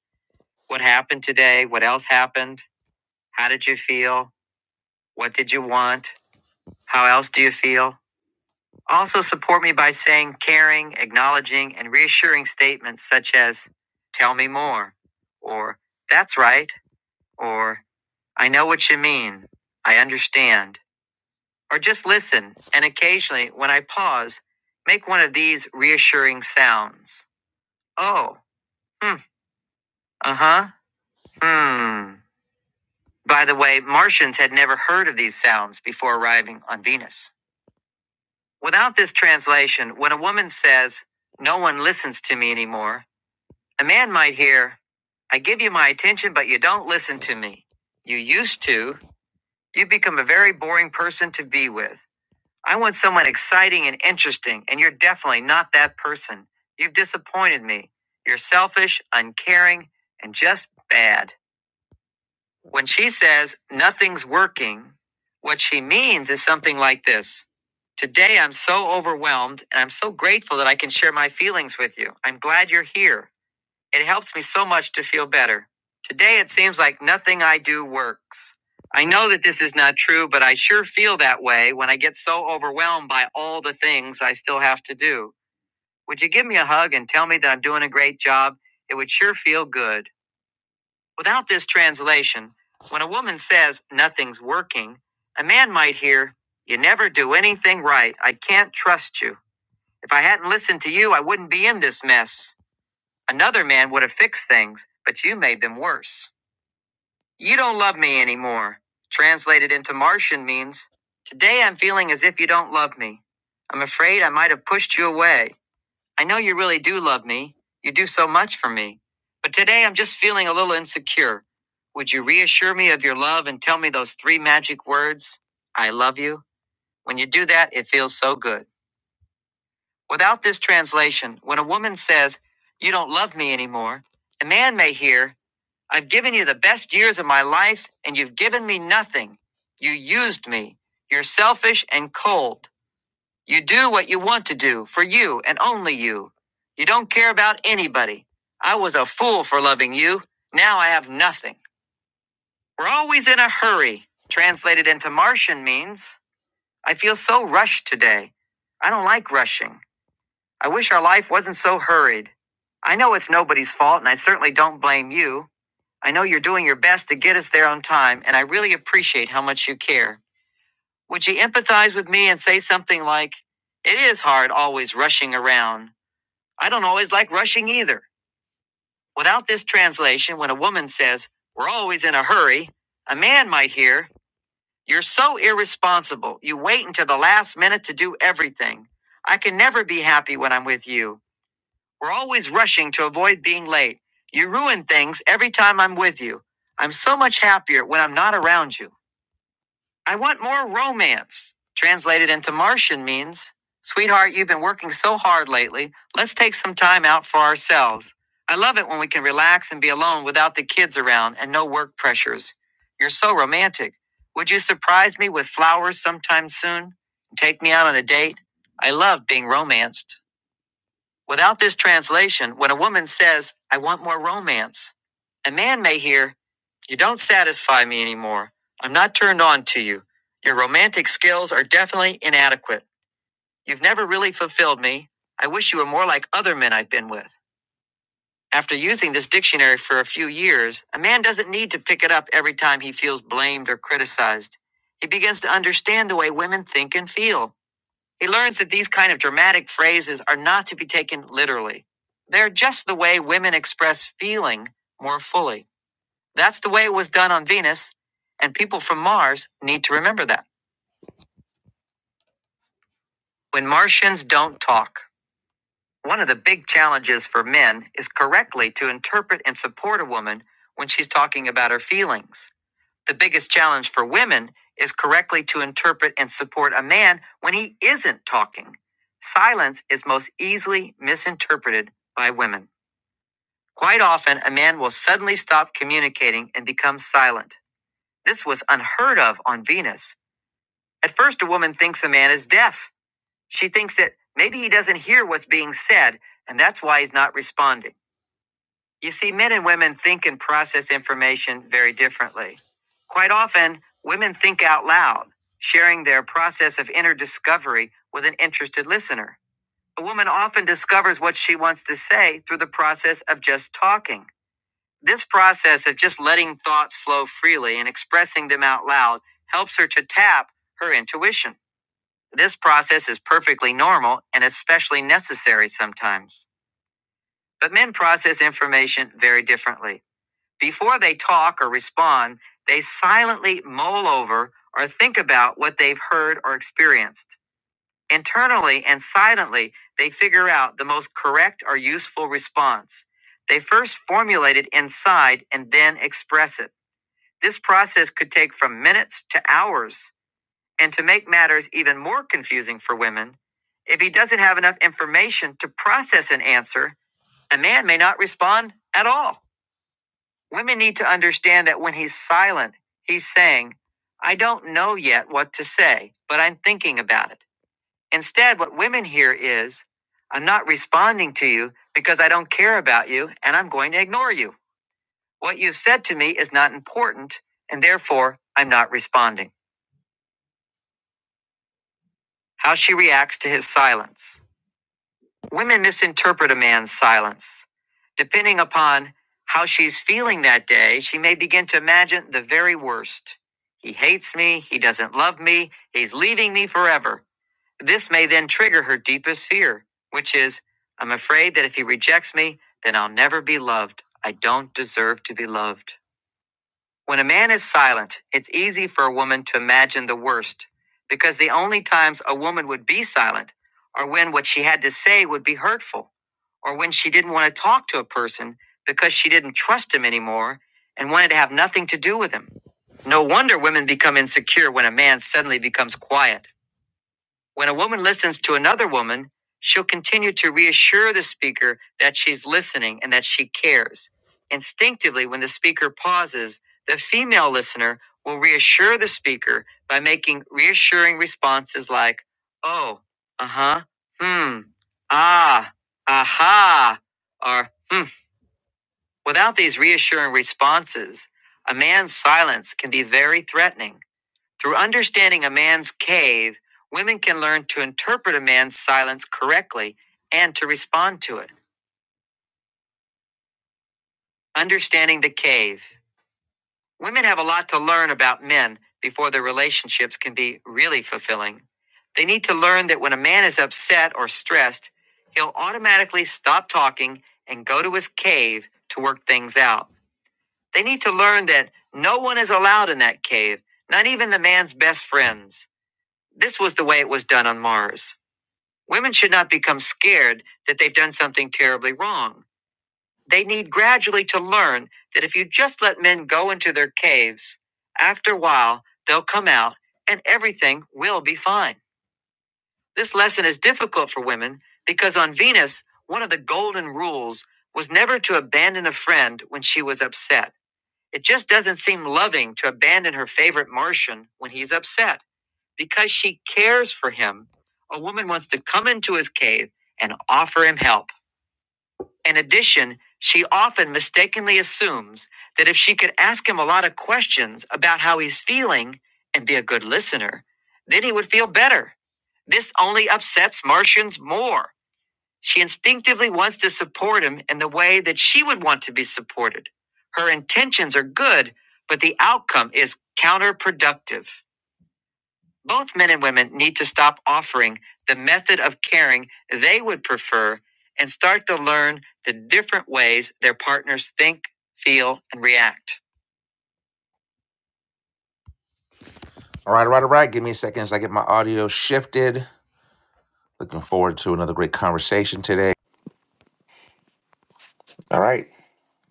Speaker 1: what happened today? What else happened? How did you feel? What did you want? How else do you feel? Also, support me by saying caring, acknowledging, and reassuring statements such as, Tell me more, or That's right, or I know what you mean, I understand. or just listen and occasionally, when I pause, make one of these reassuring sounds. Oh, hmm, uh huh, hmm. By the way, Martians had never heard of these sounds before arriving on Venus. Without this translation, when a woman says, No one listens to me anymore, a man might hear, I give you my attention, but you don't listen to me. You used to. You become a very boring person to be with. I want someone exciting and interesting, and you're definitely not that person. You've disappointed me. You're selfish, uncaring, and just bad. When she says nothing's working, what she means is something like this Today I'm so overwhelmed, and I'm so grateful that I can share my feelings with you. I'm glad you're here. It helps me so much to feel better. Today it seems like nothing I do works. I know that this is not true, but I sure feel that way when I get so overwhelmed by all the things I still have to do. Would you give me a hug and tell me that I'm doing a great job? It would sure feel good. Without this translation, when a woman says nothing's working, a man might hear, You never do anything right. I can't trust you. If I hadn't listened to you, I wouldn't be in this mess. Another man would have fixed things, but you made them worse. You don't love me anymore. Translated into Martian means, Today I'm feeling as if you don't love me. I'm afraid I might have pushed you away. I know you really do love me. You do so much for me. But today I'm just feeling a little insecure. Would you reassure me of your love and tell me those three magic words? I love you. When you do that, it feels so good. Without this translation, when a woman says, You don't love me anymore, a man may hear, I've given you the best years of my life, and you've given me nothing. You used me. You're selfish and cold. You do what you want to do for you and only you. You don't care about anybody. I was a fool for loving you. Now I have nothing. We're always in a hurry. Translated into Martian means I feel so rushed today. I don't like rushing. I wish our life wasn't so hurried. I know it's nobody's fault, and I certainly don't blame you. I know you're doing your best to get us there on time, and I really appreciate how much you care. Would you empathize with me and say something like, It is hard always rushing around. I don't always like rushing either. Without this translation, when a woman says, We're always in a hurry, a man might hear, You're so irresponsible. You wait until the last minute to do everything. I can never be happy when I'm with you. We're always rushing to avoid being late. You ruin things every time I'm with you. I'm so much happier when I'm not around you. I want more romance. Translated into Martian means, Sweetheart, you've been working so hard lately. Let's take some time out for ourselves. I love it when we can relax and be alone without the kids around and no work pressures. You're so romantic. Would you surprise me with flowers sometime soon? Take me out on a date? I love being romanced. Without this translation, when a woman says, I want more romance, a man may hear, You don't satisfy me anymore. I'm not turned on to you. Your romantic skills are definitely inadequate. You've never really fulfilled me. I wish you were more like other men I've been with. After using this dictionary for a few years, a man doesn't need to pick it up every time he feels blamed or criticized. He begins to understand the way women think and feel. He learns that these kind of dramatic phrases are not to be taken literally. They're just the way women express feeling more fully. That's the way it was done on Venus, and people from Mars need to remember that. When Martians don't talk, one of the big challenges for men is correctly to interpret and support a woman when she's talking about her feelings. The biggest challenge for women is correctly to interpret and support a man when he isn't talking. Silence is most easily misinterpreted by women. Quite often, a man will suddenly stop communicating and become silent. This was unheard of on Venus. At first, a woman thinks a man is deaf. She thinks that maybe he doesn't hear what's being said, and that's why he's not responding. You see, men and women think and process information very differently. Quite often, women think out loud, sharing their process of inner discovery with an interested listener. A woman often discovers what she wants to say through the process of just talking. This process of just letting thoughts flow freely and expressing them out loud helps her to tap her intuition. This process is perfectly normal and especially necessary sometimes. But men process information very differently. Before they talk or respond, they silently mull over or think about what they've heard or experienced. Internally and silently, they figure out the most correct or useful response. They first formulate it inside and then express it. This process could take from minutes to hours. And to make matters even more confusing for women, if he doesn't have enough information to process an answer, a man may not respond at all. Women need to understand that when he's silent, he's saying, I don't know yet what to say, but I'm thinking about it. Instead, what women hear is, I'm not responding to you because I don't care about you and I'm going to ignore you. What you've said to me is not important and therefore I'm not responding. How she reacts to his silence. Women misinterpret a man's silence. Depending upon how she's feeling that day, she may begin to imagine the very worst. He hates me. He doesn't love me. He's leaving me forever. This may then trigger her deepest fear, which is I'm afraid that if he rejects me, then I'll never be loved. I don't deserve to be loved. When a man is silent, it's easy for a woman to imagine the worst, because the only times a woman would be silent are when what she had to say would be hurtful, or when she didn't want to talk to a person because she didn't trust him anymore and wanted to have nothing to do with him. No wonder women become insecure when a man suddenly becomes quiet. When a woman listens to another woman, she'll continue to reassure the speaker that she's listening and that she cares. Instinctively, when the speaker pauses, the female listener will reassure the speaker by making reassuring responses like, oh, uh huh, hmm, ah, aha, or hmm. Without these reassuring responses, a man's silence can be very threatening. Through understanding a man's cave, women can learn to interpret a man's silence correctly and to respond to it. Understanding the cave. Women have a lot to learn about men before their relationships can be really fulfilling. They need to learn that when a man is upset or stressed, he'll automatically stop talking and go to his cave to work things out. They need to learn that no one is allowed in that cave, not even the man's best friends. This was the way it was done on Mars. Women should not become scared that they've done something terribly wrong. They need gradually to learn that if you just let men go into their caves, after a while, they'll come out and everything will be fine. This lesson is difficult for women because on Venus, one of the golden rules was never to abandon a friend when she was upset. It just doesn't seem loving to abandon her favorite Martian when he's upset. Because she cares for him, a woman wants to come into his cave and offer him help. In addition, she often mistakenly assumes that if she could ask him a lot of questions about how he's feeling and be a good listener, then he would feel better. This only upsets Martians more. She instinctively wants to support him in the way that she would want to be supported. Her intentions are good, but the outcome is counterproductive. Both men and women need to stop offering the method of caring they would prefer and start to learn the different ways their partners think, feel, and react. All right, all right, all right. Give me a second as I get my audio shifted. Looking forward to another great conversation today. All right.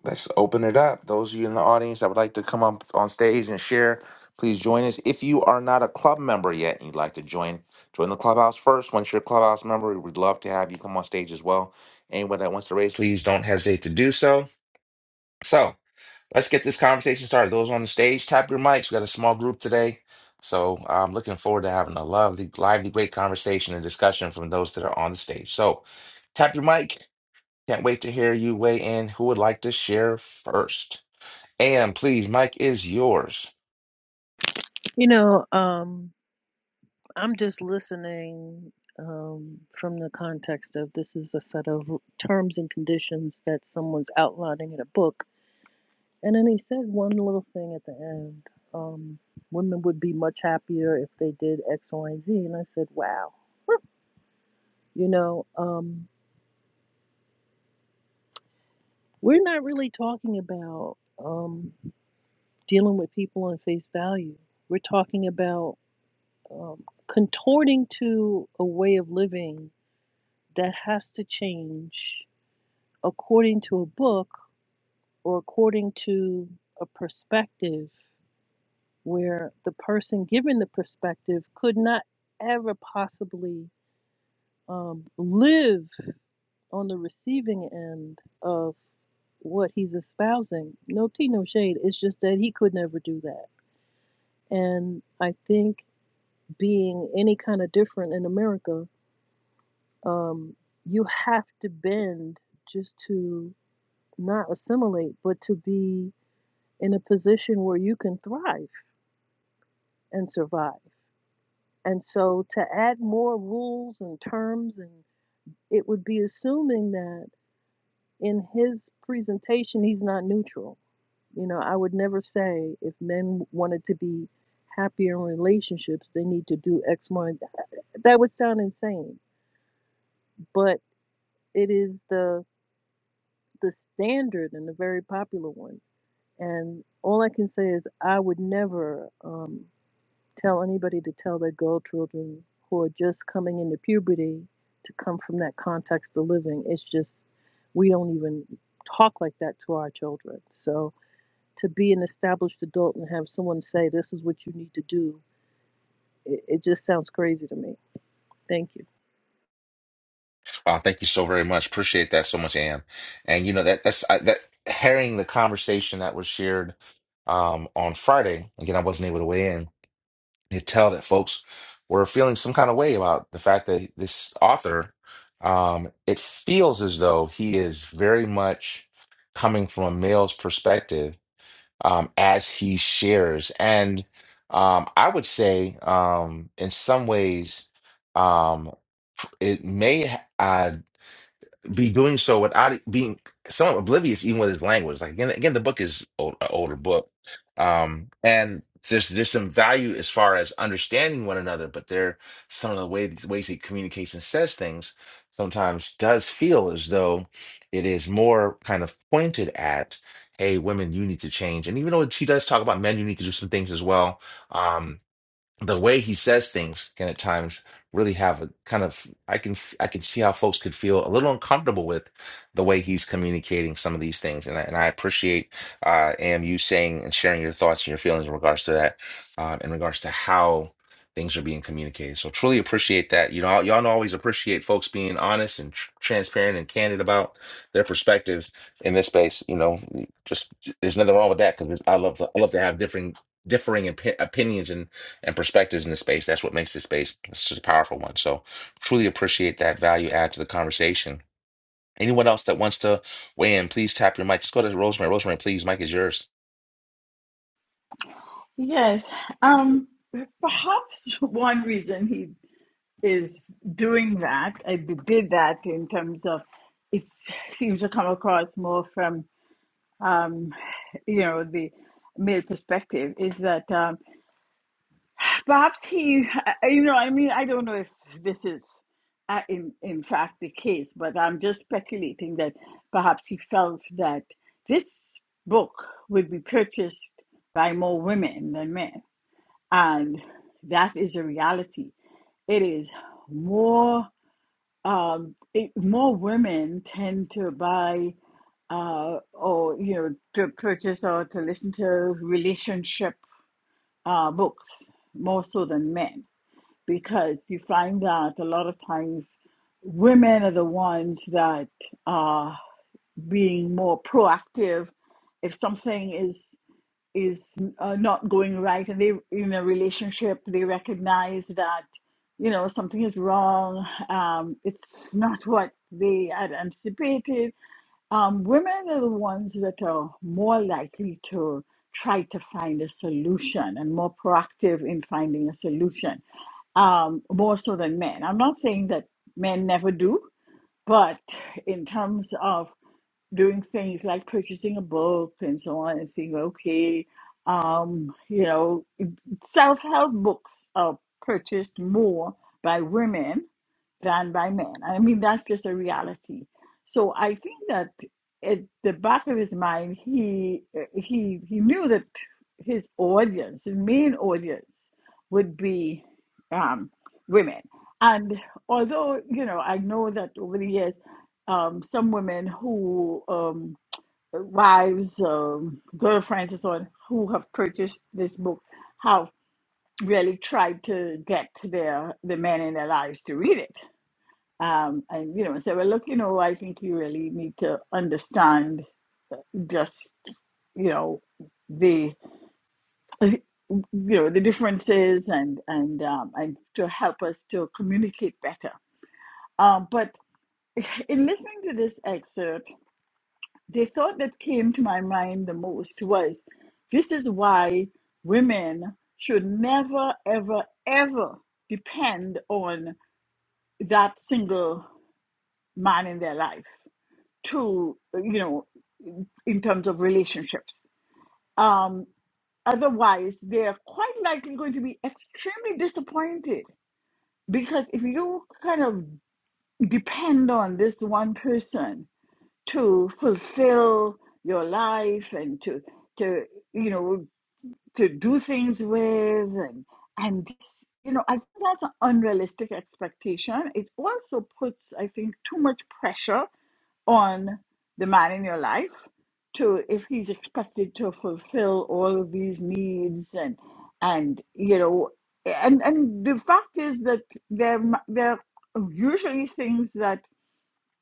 Speaker 1: Let's open it up. Those of you in the audience that would like to come up on stage and share, please join us. If you are not a club member yet and you'd like to join, join the clubhouse first. Once you're a clubhouse member, we'd love to have you come on stage as well. Anyone that wants to raise, please don't hesitate to do so. So let's get this conversation started. Those on the stage, tap your mics. We got a small group today. So I'm looking forward to having a lovely, lively, great conversation and discussion from those that are on the stage. So tap your mic. Can't wait to hear you weigh in. Who would like to share first? Am, please, Mike is yours.
Speaker 5: You know, um, I'm just listening um, from the context of this is a set of r- terms and conditions that someone's outlining in a book, and then he said one little thing at the end. Um, women would be much happier if they did X, Y, and Z, and I said, wow. You know, um, we're not really talking about um, dealing with people on face value. We're talking about um, contorting to a way of living that has to change according to a book or according to a perspective where the person given the perspective could not ever possibly um, live on the receiving end of what he's espousing. No tea, no shade. It's just that he could never do that. And I think being any kind of different in America um, you have to bend just to not assimilate, but to be in a position where you can thrive and survive. And so to add more rules and terms, and it would be assuming that in his presentation, he's not neutral. You know, I would never say if men wanted to be happier in relationships, they need to do X, Y, and Z. That would sound insane, but it is the the standard and a very popular one And all I can say is I would never um, tell anybody to tell their girl children who are just coming into puberty to come from that context of living. It's just, we don't even talk like that to our children. So to be an established adult and have someone say, this is what you need to do, it, it just sounds crazy to me. Thank you.
Speaker 1: Wow, thank you so very much. Appreciate that so much, Am. And you know that that's I, that hearing the conversation that was shared um on Friday. Again, I wasn't able to weigh in. You could tell that folks were feeling some kind of way about the fact that this author, um, it feels as though he is very much coming from a male's perspective um, as he shares. And um, I would say, um, in some ways, um, it may. uh, be doing so without it being somewhat oblivious even with his language like again again the book is old, an older book um and there's there's some value as far as understanding one another but there some of the ways ways he communicates and says things sometimes does feel as though it is more kind of pointed at hey women you need to change and even though she does talk about men you need to do some things as well Um, the way he says things can at times really have a kind of I can I can see how folks could feel a little uncomfortable with the way he's communicating some of these things, and I, and I appreciate uh, Am you saying and sharing your thoughts and your feelings in regards to that, uh, in regards to how things are being communicated. So truly appreciate that. You know, y'all know I always appreciate folks being honest and tr- transparent and candid about their perspectives in this space. You know, just there's nothing wrong with that because I love I love to have different differing opi- opinions and perspectives in the space. That's what makes this space such a powerful one. So truly appreciate that value add to the conversation. Anyone else that wants to weigh in, please tap your mic. Just go to Rosemary. Rosemary, please, mic is yours.
Speaker 4: Yes. Um, perhaps one reason he is doing that, I did that in terms of it seems to come across more from, um, you know, the male perspective, is that. um, perhaps he, I- you know, I mean, I don't know if this is uh, in, in fact the case, but I'm just speculating that perhaps he felt that this book would be purchased by more women than men. And that is a reality. It is more, um, it, more women tend to buy uh, or you know to purchase or to listen to relationship uh, books more so than men because you find that a lot of times women are the ones that are being more proactive if something is is uh, not going right and they in a relationship they recognize that you know something is wrong um, it's not what they had anticipated um, women are the ones that are more likely to try to find a solution and more proactive in finding a solution um, more so than men. I'm not saying that men never do, but in terms of doing things like purchasing a book and so on and saying, okay, um, you know, self help books are purchased more by women than by men. I mean, that's just a reality. So I think that at the back of his mind, he he he knew that his audience, his main audience, would be um, women. And although you know, I know that over the years, um, some women who um, wives, um, girlfriends, and so on, who have purchased this book, have really tried to get their the men in their lives to read it um, and you know, so well, look, you know, I think you really need to understand just you know the you know the differences and and um, and to help us to communicate better. Um, but in listening to this excerpt, the thought that came to my mind the most was this is why women should never, ever, ever depend on that single man in their life. to you know in terms of relationships um otherwise they're quite likely going to be extremely disappointed because if you kind of depend on this one person to fulfill your life and to to you know to do things with and and this- you know i think that's an unrealistic expectation it also puts i think too much pressure on the man in your life to if he's expected to fulfill all of these needs and and you know and and the fact is that there m- there are usually things that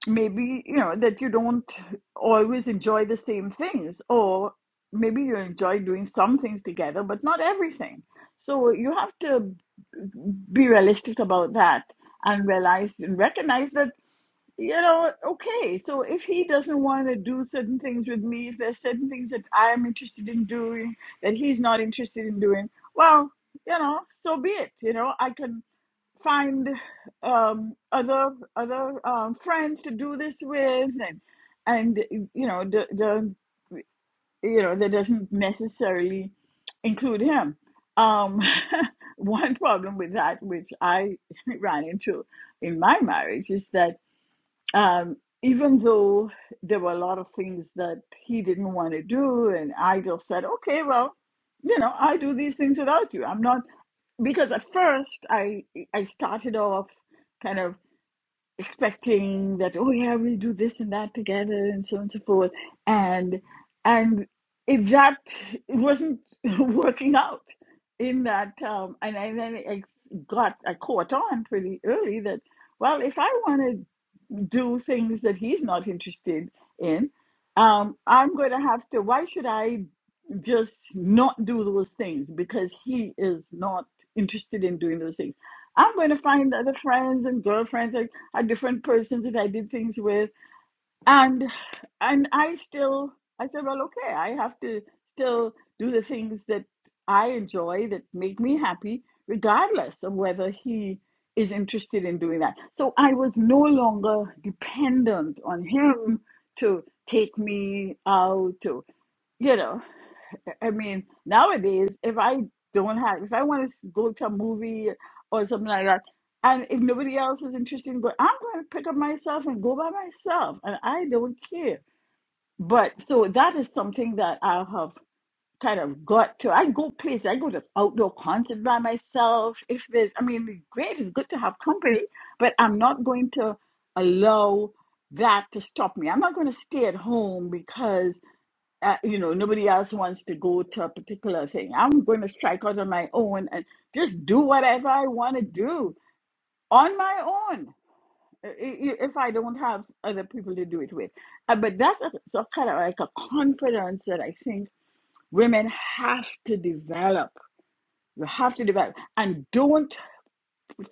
Speaker 4: maybe you know that you don't always enjoy the same things or maybe you enjoy doing some things together but not everything so you have to be realistic about that and realize and recognize that you know okay so if he doesn't want to do certain things with me if there's certain things that i'm interested in doing that he's not interested in doing well you know so be it you know i can find um, other other um, friends to do this with, and and you know the the you know that doesn't necessarily include him. Um, *laughs* one problem with that, which I *laughs* ran into in my marriage, is that um, even though there were a lot of things that he didn't want to do, and I just said, okay, well, you know, I do these things without you. I'm not because at first I I started off kind of expecting that oh yeah we'll do this and that together and so on and so forth and and it, that it wasn't *laughs* working out in that um, and, I and then I got I caught on pretty early that well if I want to do things that he's not interested in um, I'm going to have to why should I just not do those things because he is not interested in doing those things. I'm going to find other friends and girlfriends and are different persons that I did things with, and and I still I said, well, okay, I have to still do the things that I enjoy that make me happy, regardless of whether he is interested in doing that. So I was no longer dependent on him to take me out to you know. I mean, nowadays, if I don't have, if I want to go to a movie or something like that, and if nobody else is interested in going, I'm going to pick up myself and go by myself, and I don't care. But so that is something that I have kind of got to. I go places, I go to outdoor concerts by myself. If there's, I mean, it's great, it's good to have company, but I'm not going to allow that to stop me. I'm not going to stay at home because uh, you know, nobody else wants to go to a particular thing. I'm going to strike out on my own and just do whatever I want to do on my own i- i- if I don't have other people to do it with. Uh, but that's a, so kind of like a confidence that I think women have to develop. You have to develop and don't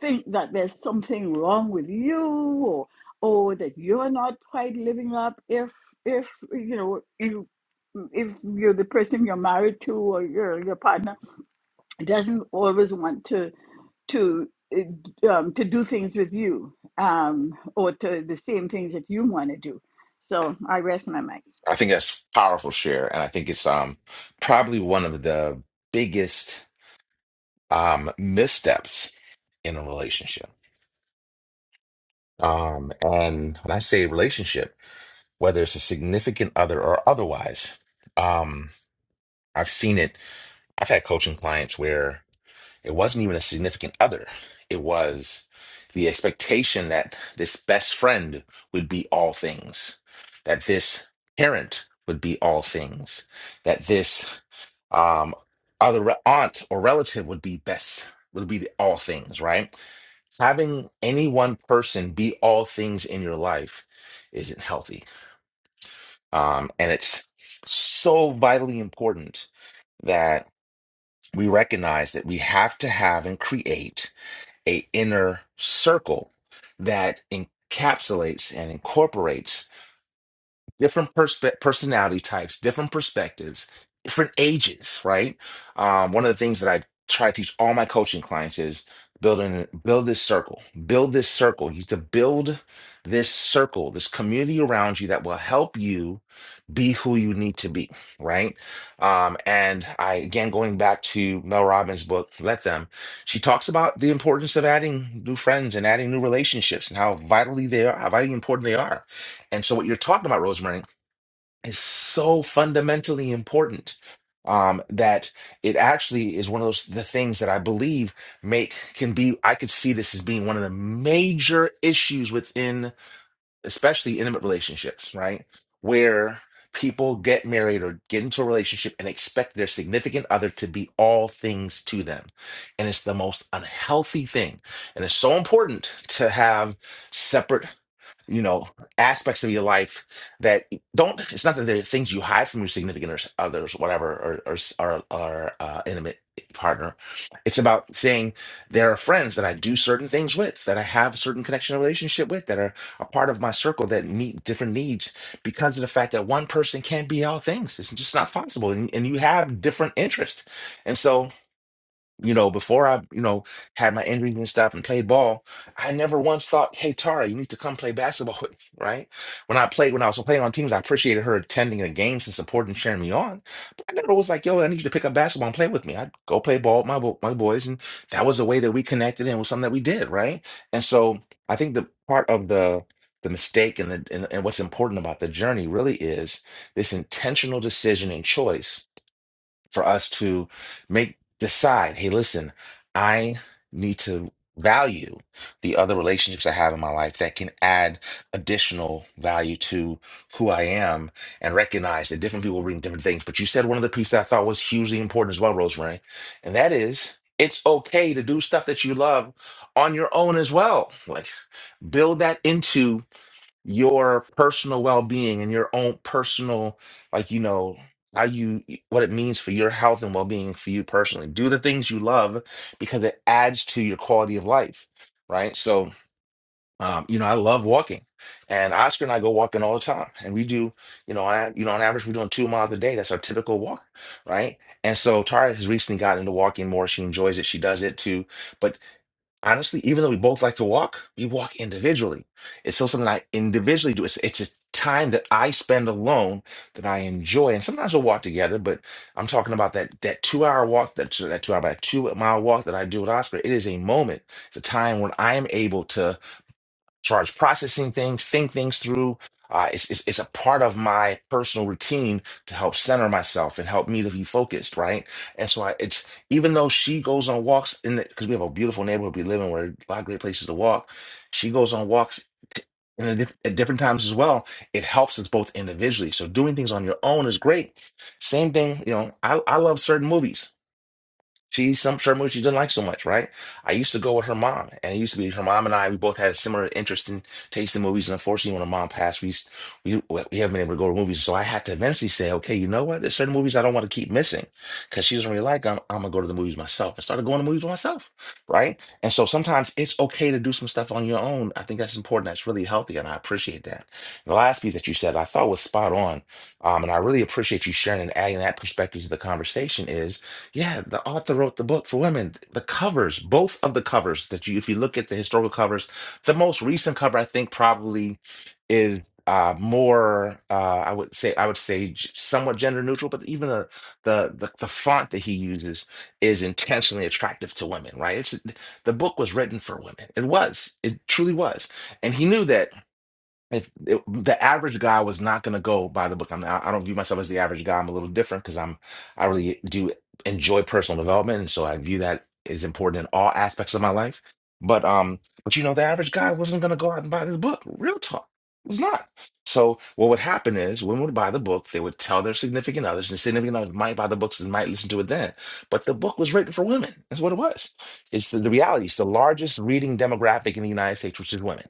Speaker 4: think that there's something wrong with you or or that you're not quite living up if if you know you if you're the person you're married to or your your partner doesn't always want to to uh, um, to do things with you um, or to the same things that you want to do. So I rest my mic.
Speaker 1: I think that's powerful share, and I think it's um probably one of the biggest um missteps in a relationship. Um, and when I say relationship, whether it's a significant other or otherwise, um, I've seen it. I've had coaching clients where It wasn't even a significant other. It was the expectation that this best friend would be all things, that this parent would be all things, that this um, other re- aunt or relative would be best, would be all things, right? Having any one person be all things in your life isn't healthy. Um, and it's so vitally important that we recognize that we have to have and create a inner circle that encapsulates and incorporates different perspe- personality types, different perspectives, different ages, right? Um, one of the things that I try to teach all my coaching clients is building build this circle, build this circle. You need to build this circle, this community around you that will help you be who you need to be, right? Um, and I again going back to Mel Robbins' book, Let Them, she talks about the importance of adding new friends and adding new relationships and how vitally they are, how vitally important they are. And so what you're talking about, Rosemary is so fundamentally important um, that it actually is one of those the things that I believe make can be I could see this as being one of the major issues within especially intimate relationships, right? Where people get married or get into a relationship and expect their significant other to be all things to them. And it's the most unhealthy thing. And it's so important to have separate you know aspects of your life that don't it's not that they're things you hide from your significant others, others whatever or or, s- or, or uh, intimate partner it's about saying there are friends that i do certain things with that i have a certain connection and relationship with that are a part of my circle that meet different needs because of the fact that one person can't be all things it's just not possible and, and you have different interests and so you know, before I, you know, had my injuries and stuff and played ball, I never once thought, hey, Tara, you need to come play basketball with me, right? When I played, when I was playing on teams, I appreciated her attending the games and supporting and cheering me on. But I never was like, yo, I need you to pick up basketball and play with me. I'd go play ball with my, bo- my boys. And that was the way that we connected and it was something that we did, right? And so I think the part of the, the mistake and the and, and what's important about the journey really is this intentional decision and choice for us to make decide hey listen i need to value the other relationships i have in my life that can add additional value to who i am and recognize that different people bring different things but you said one of the pieces i thought was hugely important as well rosemary and that is it's okay to do stuff that you love on your own as well like build that into your personal well-being and your own personal like you know how you what it means for your health and well-being for you personally do the things you love because it adds to your quality of life right so um, you know i love walking and oscar and i go walking all the time and we do you know on, you know on average we're doing two miles a day that's our typical walk right and so tara has recently gotten into walking more she enjoys it she does it too but honestly, even though we both like to walk, we walk individually. It's still something I individually do. It's it's a time that I spend alone that I enjoy. And sometimes we'll walk together, but I'm talking about that that two hour walk, that that two hour, that two mile walk that I do with Oscar. It is a moment. It's a time when I am able to as far as processing things, think things through. Uh, it's, it's, it's a part of my personal routine to help center myself and help me to be focused, right? And so I, it's even though she goes on walks in the because we have a beautiful neighborhood we live in where a lot of great places to walk. She goes on walks t- in a diff- at different times as well. It helps us both individually. So doing things on your own is great. Same thing, you know. I, I love certain movies. She's some certain movies she doesn't like so much, right? I used to go with her mom, and it used to be her mom and I. We both had a similar interest in taste in movies, and unfortunately, when her mom passed, we we we haven't been able to go to movies. So I had to eventually say, okay, you know what? There's certain movies I don't want to keep missing because she doesn't really like. them. I'm gonna go to the movies myself. I started going to movies with myself, right? And so sometimes it's okay to do some stuff on your own. I think that's important. That's really healthy, and I appreciate that. The last piece that you said, I thought was spot on, um, and I really appreciate you sharing and adding that perspective to the conversation. Is yeah, the author wrote the book for women. The covers, both of the covers that you, if you look at the historical covers, the most recent cover I think probably is uh more uh I would say I would say g- somewhat gender neutral, but even the the the, the font that he uses is intentionally attractive to women, right? It's the book was written for women. It was. It truly was. And he knew that if it, the average guy was not going to go by the book, I'm, I I don't view myself as the average guy. I'm a little different because I'm I really do enjoy personal development, and so I view that as important in all aspects of my life. But um, but you know, the average guy wasn't going to go out and buy the book. Real talk, It was not. So what would happen is women would buy the book. They would tell their significant others, and significant others might buy the books and might listen to it then. But the book was written for women. That's what it was. It's the, the reality. It's the largest reading demographic in the United States, which is women.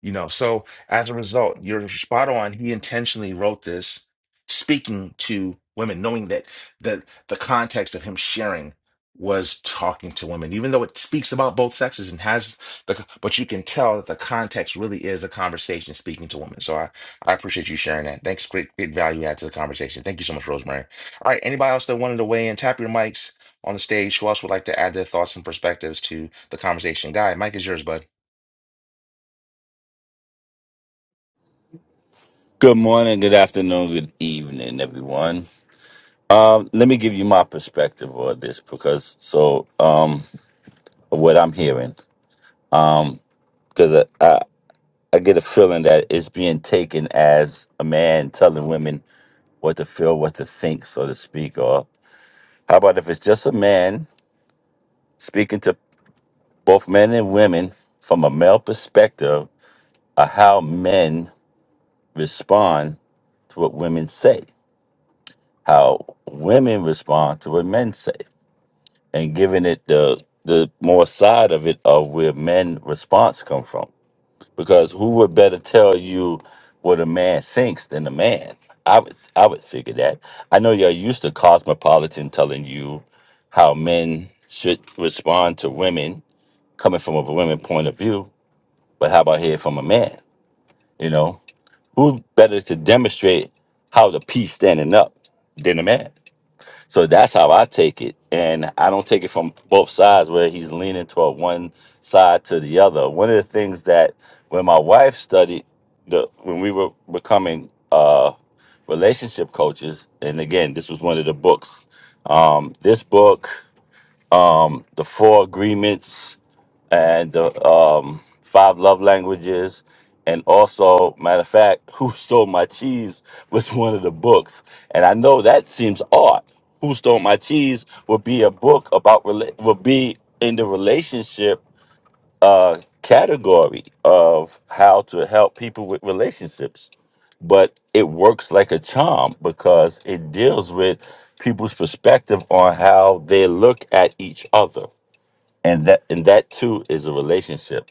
Speaker 1: You know, so as a result, you're spot on. He intentionally wrote this, speaking to women, knowing that that the context of him sharing was talking to women, even though it speaks about both sexes and has the, but you can tell that the context really is a conversation speaking to women. So I, I appreciate you sharing that. Thanks. Great, great value add to the conversation. Thank you so much, Rosemary. All right. Anybody else that wanted to weigh in, tap your mics on the stage. Who else would like to add their thoughts and perspectives to the conversation? Guy, mic is yours, bud.
Speaker 6: Good morning, good afternoon, good evening, everyone. Um, let me give you my perspective on this because so um, what I'm hearing because I, I I get a feeling that it's being taken as a man telling women what to feel, what to think, so to speak. Or how about if it's just a man speaking to both men and women from a male perspective of how men respond to what women say, how women respond to what men say. and giving it the the more side of it of where men response come from because who would better tell you what a man thinks than a man i would i would figure that i know you're used to cosmopolitan telling you how men should respond to women coming from a women point of view but how about here from a man you know who better to demonstrate how the piece standing up than a man so that's how I take it. And I don't take it from both sides where he's leaning toward one side to the other. One of the things that when my wife studied the when we were becoming uh relationship coaches, and again, this was one of the books. Um, this book, The Four Agreements, and the um, five love languages. And also, matter of fact, *laughs* Who Stole My Cheese was one of the books. And I know that seems odd. Who Stole My Cheese would be a book about, rela- would be in the relationship uh, category of how to help people with relationships. But it works like a charm because it deals with people's perspective on how they look at each other and that and that too is a relationship.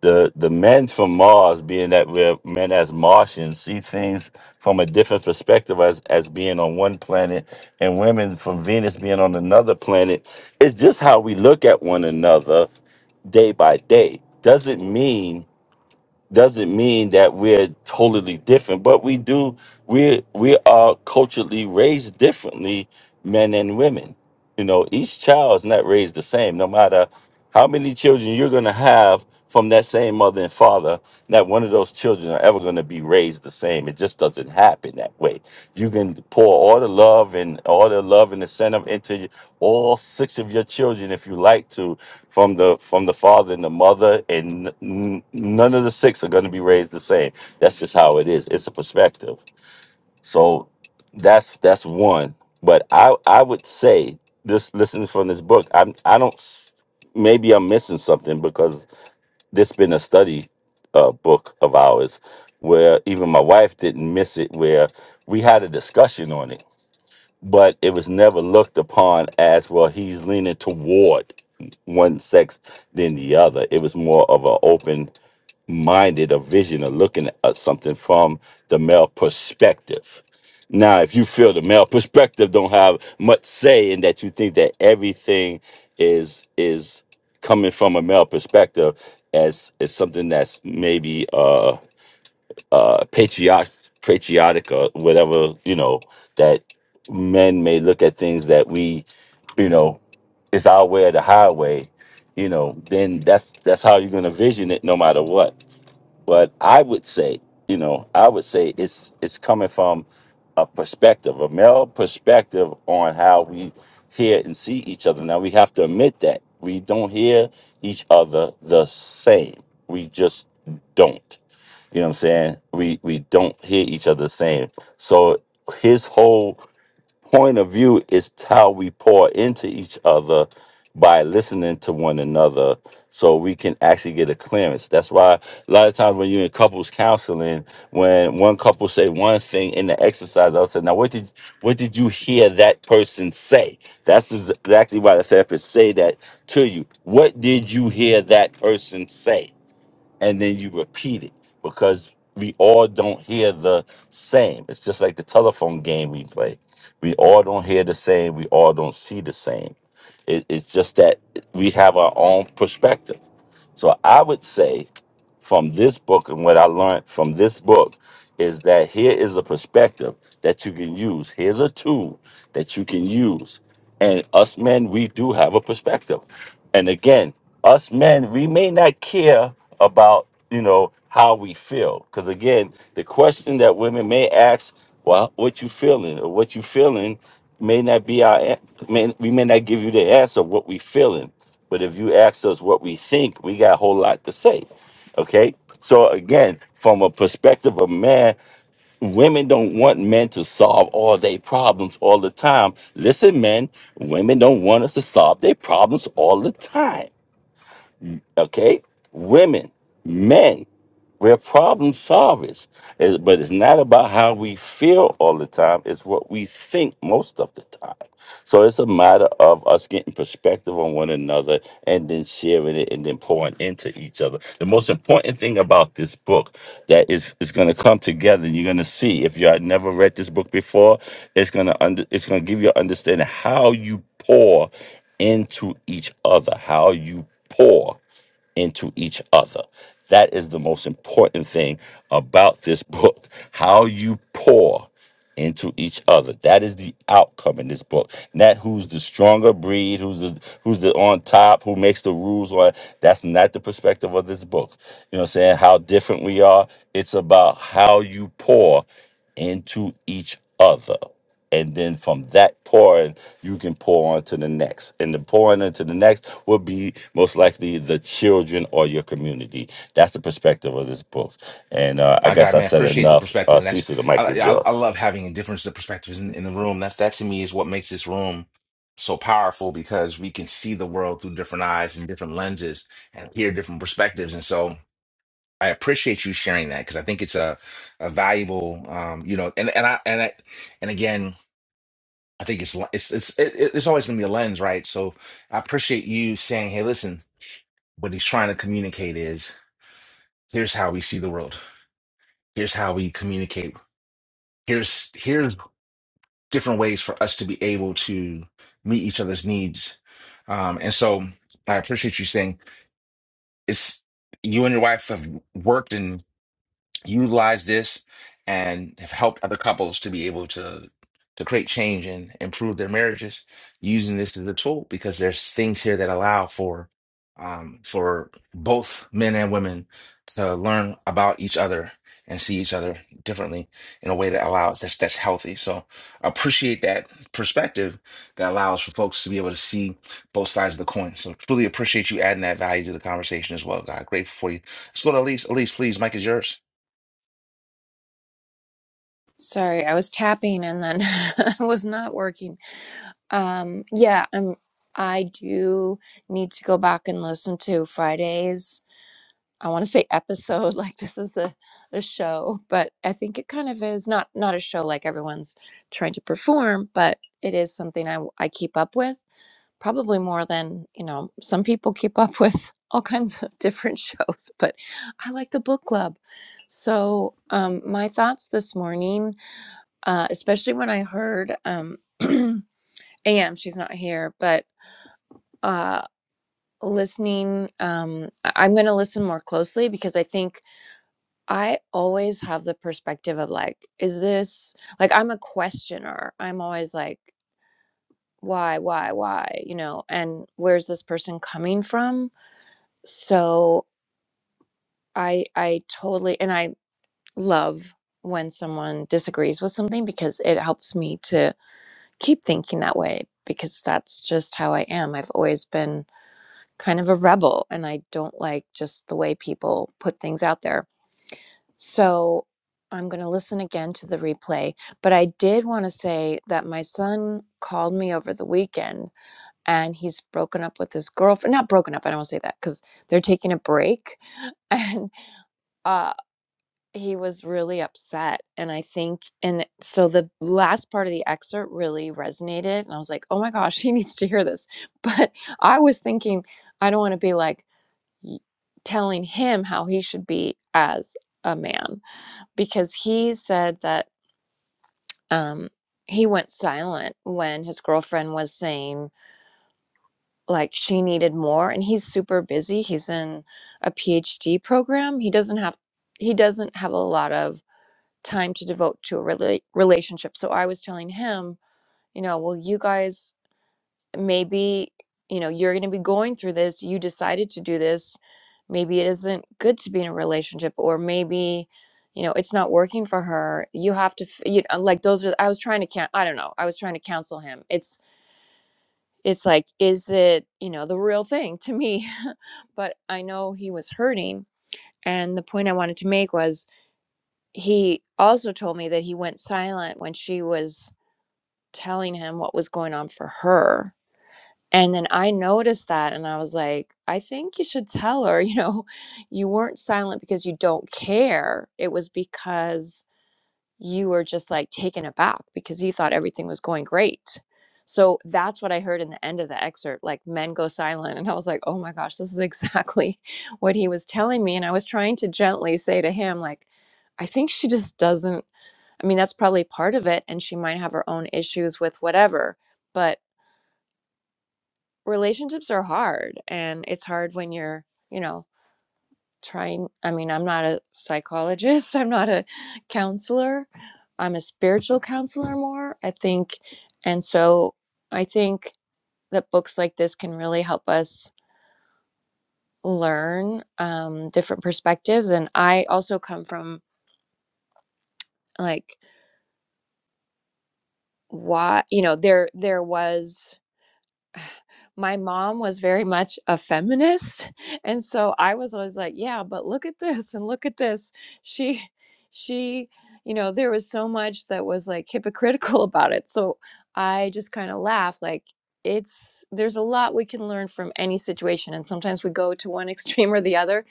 Speaker 6: The the men from Mars, being that we're men as Martians, see things from a different perspective as as being on one planet, and women from Venus being on another planet. It's just how we look at one another day by day. Doesn't mean doesn't mean that we're totally different, but we do we we are culturally raised differently, men and women. You know, each child is not raised the same, no matter how many children you're gonna have from that same mother and father, not one of those children are ever gonna be raised the same. It just doesn't happen that way. You can pour all the love and all the love and incentive into y- all six of your children if you like to, from the from the father and the mother, and n- n- none of the six are going to be raised the same. That's just how it is. It's a perspective. So that's that's one. But I I would say this. Listening from this book, I am I don't. s- Maybe I'm missing something because this been a study uh, book of ours where even my wife didn't miss it where we had a discussion on it but it was never looked upon as well he's leaning toward one sex than the other it was more of an open minded a vision of looking at something from the male perspective. Now, if you feel the male perspective don't have much say in that you think that everything is is coming from a male perspective as is something that's maybe uh uh patriotic patriotic or whatever, you know, that men may look at things that we, you know, it's our way or the highway, you know, then that's that's how you're gonna vision it no matter what but I would say, you know, I would say it's it's coming from a perspective, a male perspective on how we hear and see each other. Now we have to admit that we don't hear each other the same. We just don't. You know what I'm saying? We we don't hear each other the same. So his whole point of view is how we pour into each other by listening to one another so we can actually get a clearance that's why a lot of times when you're in couples counseling when one couple say one thing in the exercise i'll say now what did what did you hear that person say that's exactly why the therapist say that to you what did you hear that person say and then you repeat it because we all don't hear the same. It's just like the telephone game we play. We all don't hear the same. We all don't see the same. It, it's just that we have our own perspective. So I would say from this book and what I learned from this book is that here is a perspective that you can use. Here's a tool that you can use and us men, we do have a perspective. And again, us men, we may not care about, you know, how we feel. Because again, the question that women may ask, well, what you feeling or what you feeling may not be our, an- may, we may not give you the answer of what we feeling. But if you ask us what we think, we got a whole lot to say. Okay. So again, from a perspective of man, Women don't want men to solve all their problems all the time. Listen, men, women don't want us to solve their problems all the time okay? Women, men, we're problem solvers. It's- But it's not about how we feel all the time, it's what we think most of the time. So it's a matter of us getting perspective on one another and then sharing it and then pouring into each other. The most important thing about this book that is is going to come together and you're going to see if you had never read this book before, it's going to under it's going to give you an understanding how you pour into each other, how you pour into each other. That is the most important thing about this *laughs* book. How you pour into each other. That is the outcome in this book. Not who's the stronger breed, who's the who's the on top, who makes the rules or that's not the perspective of this book. You know what I'm saying? How different we are. It's about how you pour into each other and then from that pouring you can pour on to the next and the pouring into the next will be most likely the children or your community that's the perspective of this book and uh, i
Speaker 1: I
Speaker 6: guess
Speaker 1: got
Speaker 6: i
Speaker 1: man,
Speaker 6: said
Speaker 1: appreciate the
Speaker 6: enough
Speaker 1: perspective,
Speaker 6: uh,
Speaker 1: and that's
Speaker 6: cecil the mic
Speaker 1: I
Speaker 6: is
Speaker 1: yeah, I, I
Speaker 6: yours
Speaker 1: love having a difference of perspectives in, in the room. That's that to me is what makes this room so powerful because we can see the world through different eyes and different lenses and hear different perspectives. And so I appreciate you sharing that because I think it's a a valuable um you know and and I and I, and again I think it's it's it's it, it's always gonna be a lens, right? So I appreciate you saying, hey, listen, what he's trying to communicate is here's how we see the world. Here's how we communicate here's here's different ways for us to be able to meet each other's needs. Um, and so I appreciate you saying it's you and your wife have worked and utilized this and have helped other couples to be able to to create change and improve their marriages using this as a tool because there's things here that allow for um, for both men and women to learn about each other and see each other differently in a way that allows that's that's healthy. So appreciate that perspective that allows for folks to be able to see both sides of the coin. So truly appreciate you adding that value to the conversation as well, God. Grateful for you. Let's go to Elise. Elise, please, Mike is yours.
Speaker 7: Sorry, I was tapping and then *laughs* it was not working. Um, yeah, I'm, I do need to go back and listen to Friday's, I want to say episode, *laughs* like this is a, a show, but I think it kind of is not, not a show like everyone's trying to perform, but it is something I, I keep up with probably more than, you know, some people keep up *laughs* with all kinds of different *laughs* shows, but I like the book club. So, um, my thoughts this morning uh, especially when I heard um, *clears throat* AM, she's not here, but uh, listening, um, I- I'm going to listen more closely because I think I always have the perspective of like, is this like I'm a questioner? I'm always like, why, why, why, you know, and where's this person coming from? So I, I totally, and I love when someone disagrees with something because it helps me to. keep thinking that way because that's just how I am. I've always been kind of a rebel and I don't like just the way people put things out there. So I'm going to listen again to the replay. But I did want to say that my son called me over the weekend and he's broken up with his girlfriend. Not broken up, I don't want to say that because they're taking a break. *laughs* And uh he was really upset and i think and so the last part of the excerpt really resonated and i was like oh my gosh *laughs* he needs to hear this but i was thinking i don't want to be like y- telling him how he should be as a man because he said that um he went silent when his girlfriend was saying like she needed more and he's super busy he's in a phd program he doesn't have he doesn't have a lot of time to devote to a rela- relationship. So I was telling him, you know, well, you guys, maybe, you know, you're going to be going through this. You decided to do this. Maybe it isn't good to be in a relationship, or maybe, you know, it's not working for her. You have to, f- you know, like those are, I was trying to, can- I don't know, I was trying to counsel him. It's, it's like, is it, you know, the real thing to me? *laughs* but I know he was hurting. And the point I wanted to make was he also told me that he went silent when she was telling him what was going on for her. And then I noticed that and I was like, I think you should tell her, *laughs* you know, you weren't silent because you don't care. It was because you were just like taken aback because you thought everything was going great. So that's what I heard in the end of the excerpt like, men go silent. And I was like, oh my gosh, this is exactly *laughs* what he was telling me. And I was trying to gently say to him, like, I think she just doesn't. I mean, that's probably part of it, and she might have her own issues with whatever. But relationships are hard, and it's hard when you're, you know, trying. I mean, I'm not a psychologist, *laughs* I'm not a counselor, I'm a spiritual counselor more, I think. And so I think that books like this can really help us learn um, different perspectives. And I also come from like, why, you know, there, there was. *sighs* my mom was very much a feminist *laughs* and so i was always like yeah but look at this and look at this she she you know there was so much that was like hypocritical *laughs* about it so i just kind of laughed like it's there's a lot we can learn from any situation and sometimes we go to one *laughs* extreme or the other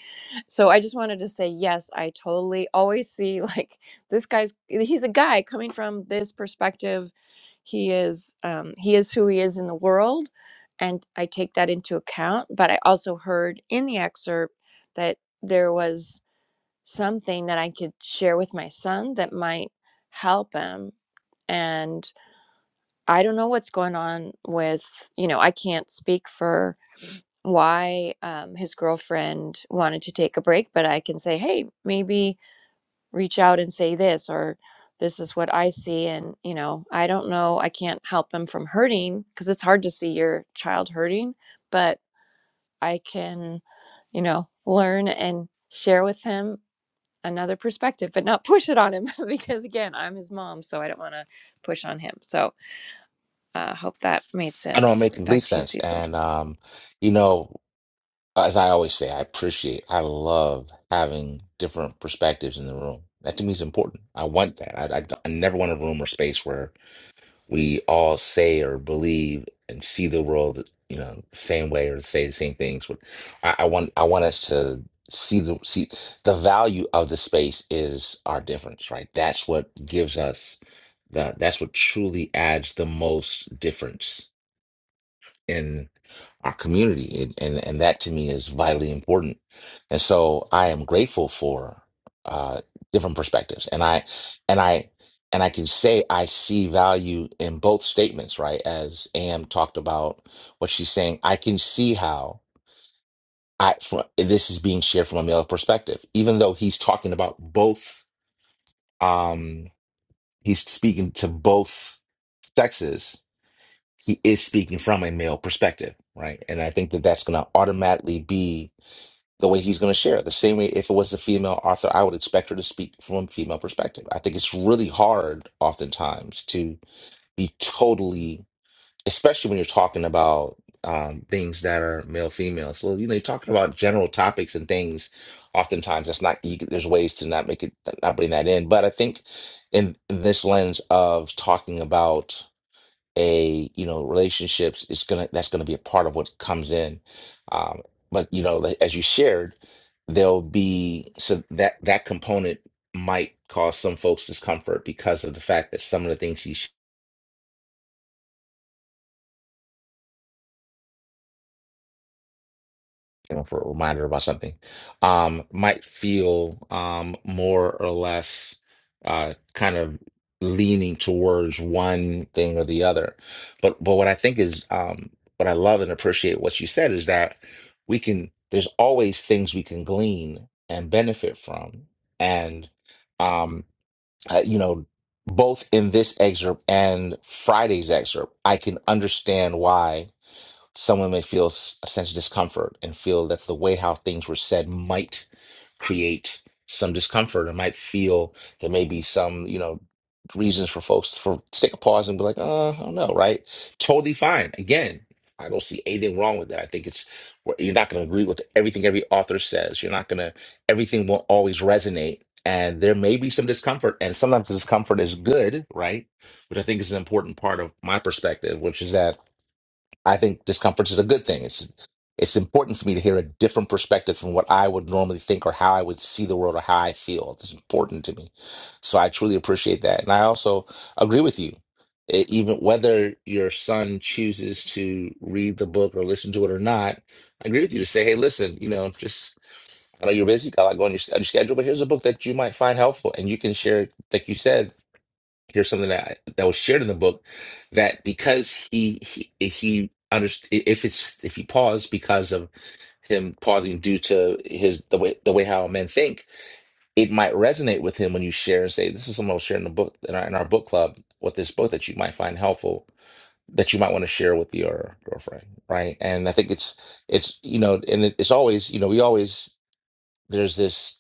Speaker 7: so I just wanted to say, yes, I totally always see *laughs* like this guy's, he's a guy coming from this perspective. He is, um, he is who he is in the world. And I take that into account. But I also heard in the excerpt that there was something that I could share with my son that might help him. And I don't know what's going on with, you know, I can't speak for why um, his girlfriend wanted to take a break, but I can say, hey, maybe reach out and say this, or this is what I see. And, you know, I don't know, I can't help them from hurting because it's hard to see your child hurting, but I can, you know, learn and share with him another perspective, but not *laughs* push it on him *laughs* because, again, I'm his mom, so I don't want to push on him. So I uh, hope that made
Speaker 1: I don't
Speaker 7: sense.
Speaker 1: make complete
Speaker 7: Back to you,
Speaker 1: sense.
Speaker 7: Cecil.
Speaker 1: And um, you know, as I always say, I appreciate, I love having different perspectives in the room. That to me is important. I want that. I, I, I never want a room or space where we all say or believe and see the world, you know, the same way or say the same things. But I, I want, I want us to see the see the value of the space is our difference, right? That's what gives us the. That's what truly adds the most difference in our community and, and and that to me is vitally important and so i am grateful for uh different perspectives and i and i and i can say i see value in both statements right as am talked about what she's saying i can see how i from, this is being shared from a male perspective even though he's talking about both um he's speaking to both sexes he is speaking from a male perspective, right? And I think that that's going to automatically be the way he's going to share. The same way, if it was a female author, I would expect her to speak from a female perspective. I think it's really hard, oftentimes, to be totally, especially when you're talking about um, things that are male female. So you know, you're talking about general topics and things. Oftentimes, that's not. You, there's ways to not make it, not bring that in. But I think in this lens of talking about a you know relationships it's gonna that's gonna be a part of what comes in um but you know like, as you shared there'll be so that that component might cause some folks discomfort because of the fact that some of the things he shared you know, for a reminder about something, um, might feel um, more or less uh, kind of leaning towards one thing or the other. But but what I think is um, what I love and appreciate what you said is that we can. There's always things we can glean and benefit from, and um, uh, you know, both in this excerpt and Friday's excerpt, I can understand why Someone may feel s- a sense of discomfort and feel that the way how things were said might create some discomfort or might feel there may be some, you know, reasons for folks for take a pause and be like, uh, I don't know, right? Totally fine. Again, I don't see anything wrong with that. I think it's you're not going to agree with everything every author says. You're not going to everything won't always resonate. And there may be some discomfort, and sometimes the discomfort is good, right? Which I think is an important part of my perspective, which is that I think discomfort is a good thing. It's it's important for me to hear a different perspective from what I would normally think or how I would see the world or how I feel. It's important to me. So I truly appreciate that. And I also agree with you. E- Even whether your son chooses to read the book or listen to it or not, I agree with you to say, hey, listen, you know, just I know you're busy, got a lot going on your, on your schedule, but here's a book that you might find helpful and you can share, like you said, here's something that that was shared in the book that because he he he underst- if it's if he paused because of him pausing due to his the way the way how men think it might resonate with him when you share and say this is something I'll share in the book in our, in our book club with this book that you might find helpful that you might want to share with your girlfriend right and I think it's it's you know and it, it's always you know we always there's this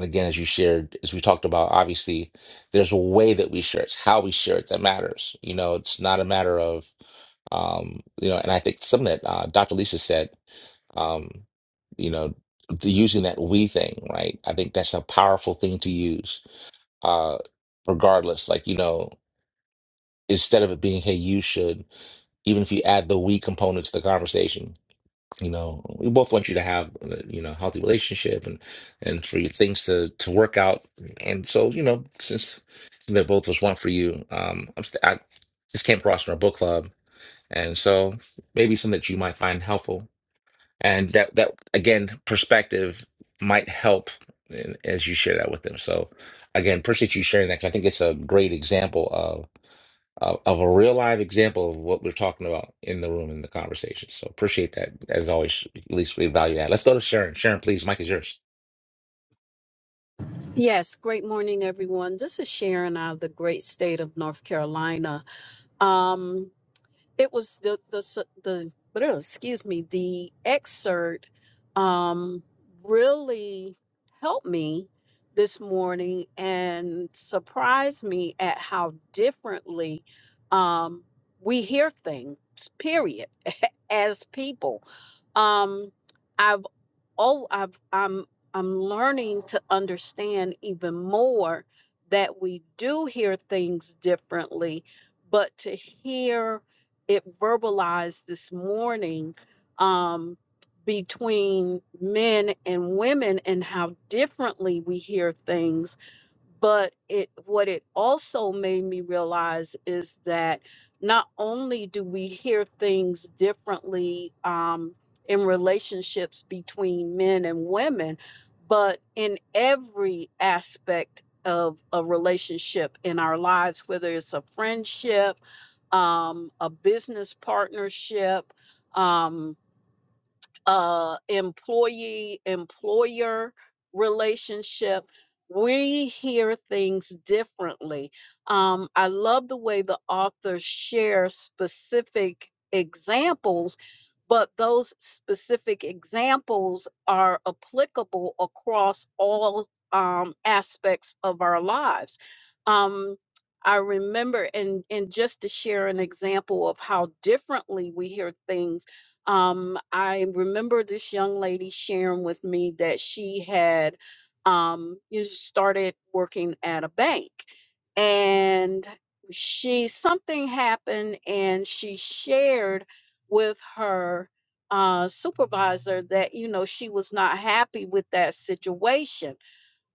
Speaker 1: again, as you shared, as we talked about, obviously there's a way that we share. It's how we share it that matters. You know, it's not a matter of, um, you know, and I think something that uh, Dr. Lisa said, um, you know, the, using that we thing, right? I think that's a powerful thing to use, uh, regardless. Like, you know, instead of it being, hey, you should, even if you add the we component to the conversation, you know we both want you to have uh, you know healthy relationship and and for your things to to work out and so you know since since they both was one for you um I'm st- I just came across from our book club and so maybe something that you might find helpful and that that again perspective might help in, as you share that with them so again appreciate you sharing that 'cause I think it's a great example uh, of a real live example of what we're talking about in the room in the conversation. So appreciate that as always. At least we value that. Let's go to Sharon. Sharon, please. Mike is yours.
Speaker 3: Yes, great morning, everyone. This is Sharon out of the great state of North Carolina. Um, It was the the s- the *grunts* excuse me the excerpt um, really helped me this morning and surprised me at how differently um, we hear things. Period. *laughs* As people, um, I've oh I've I'm I'm learning to understand even more that we do hear things differently, but to hear it verbalized this morning um, between men and women and how differently we hear things. But it what it also made me realize is that not only do we hear things differently um, in relationships between men and women, but in every aspect of a relationship in our lives, whether it's a friendship um, a business partnership. Um, uh, employee employer relationship. We hear things differently. Um, I love the way the author shares specific examples, but those specific examples are applicable across all um, aspects of our lives. Um, I remember, and, and just to share an example of how differently we hear things um, I remember this young lady sharing with me that she had um, you know, started working at a bank and she something happened and she shared with her uh, supervisor that you know she was not happy with that situation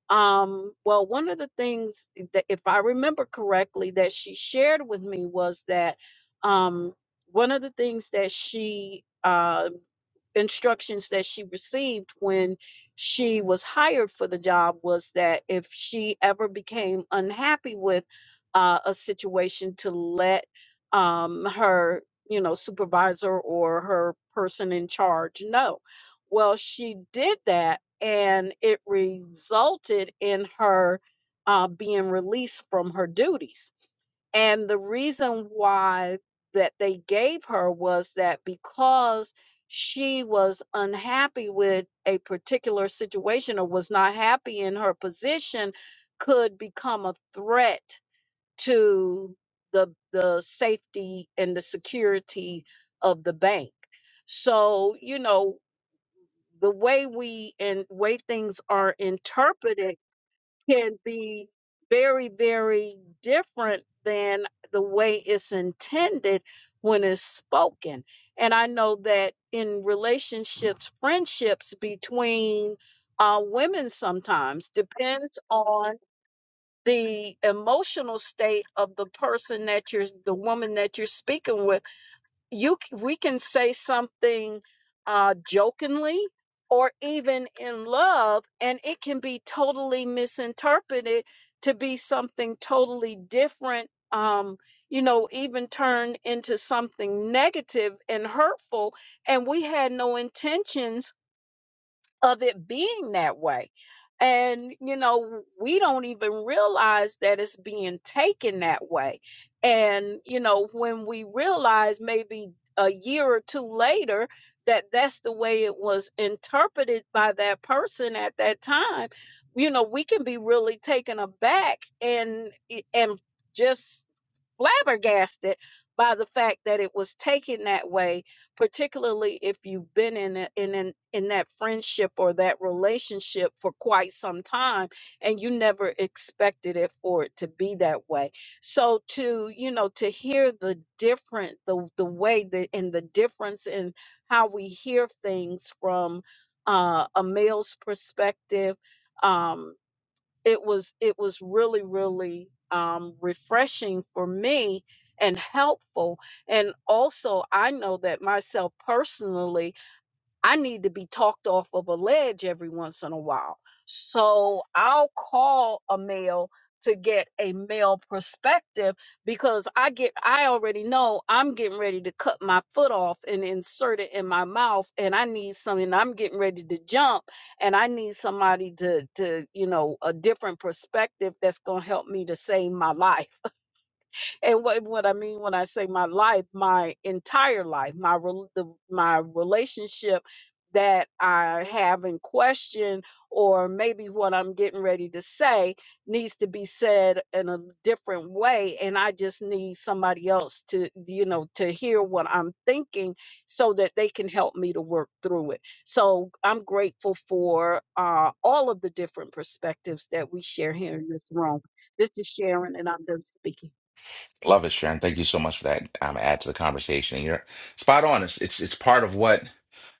Speaker 3: um, well, one of the things that, if I remember correctly, that she shared with me was that um, one of the things that she uh, instructions that she received when she was hired for the job was that if she ever became unhappy with uh, a situation to let um, her you know supervisor or her person in charge know well she did that and it resulted in her uh, being released from her duties and the reason why that they gave her was that because she was unhappy with a particular situation or was not happy in her position could become a threat to the the safety and the security of the bank so you know the way we and way things are interpreted can be very, very different than the way it's intended when it's spoken. And I know that in relationships, friendships between uh, women sometimes depends on the emotional state of the person that you're, the woman that you're speaking with you c- we can say something uh jokingly or even in love and it can be totally misinterpreted to be something totally different um you know even turn into something negative and hurtful and we had no intentions of it being that way. And, you know, we don't even realize that it's being taken that way. And, you know, when we realize maybe a year or two later that that's the way it was interpreted by that person at that time, you know, we can be really taken aback and, eh, and just flabbergasted by the fact that it was taken that way particularly if you've been in a, in an, in that friendship or that relationship for quite some time and you never expected it for it to be that way so to you know to hear the different the the way that and the difference in how we hear things from uh, a male's perspective um it was it was really really um, refreshing for me and helpful and also i know that myself personally I need to be talked off of a ledge every once in a while. So I'll call a male to get a male perspective because I get I already know I'm getting ready to cut my foot off and insert it in my mouth and I need something I'm getting ready to jump and I need somebody to to you know a different perspective that's going to help me to save my life and what, what I mean when I say my life, my entire life, my rel- the, my relationship that I have in question, or maybe what I'm getting ready to say needs to be said in a different way, and I just need somebody else to you know to hear what I'm thinking so that they can help me to work through it. So I'm grateful for uh, all of the different perspectives that we share here in this room. This is Sharon, and I'm done speaking.
Speaker 1: Love it, Sharon. Thank you so much for that. Um, add to the conversation. And you're spot on. It's, it's it's part of what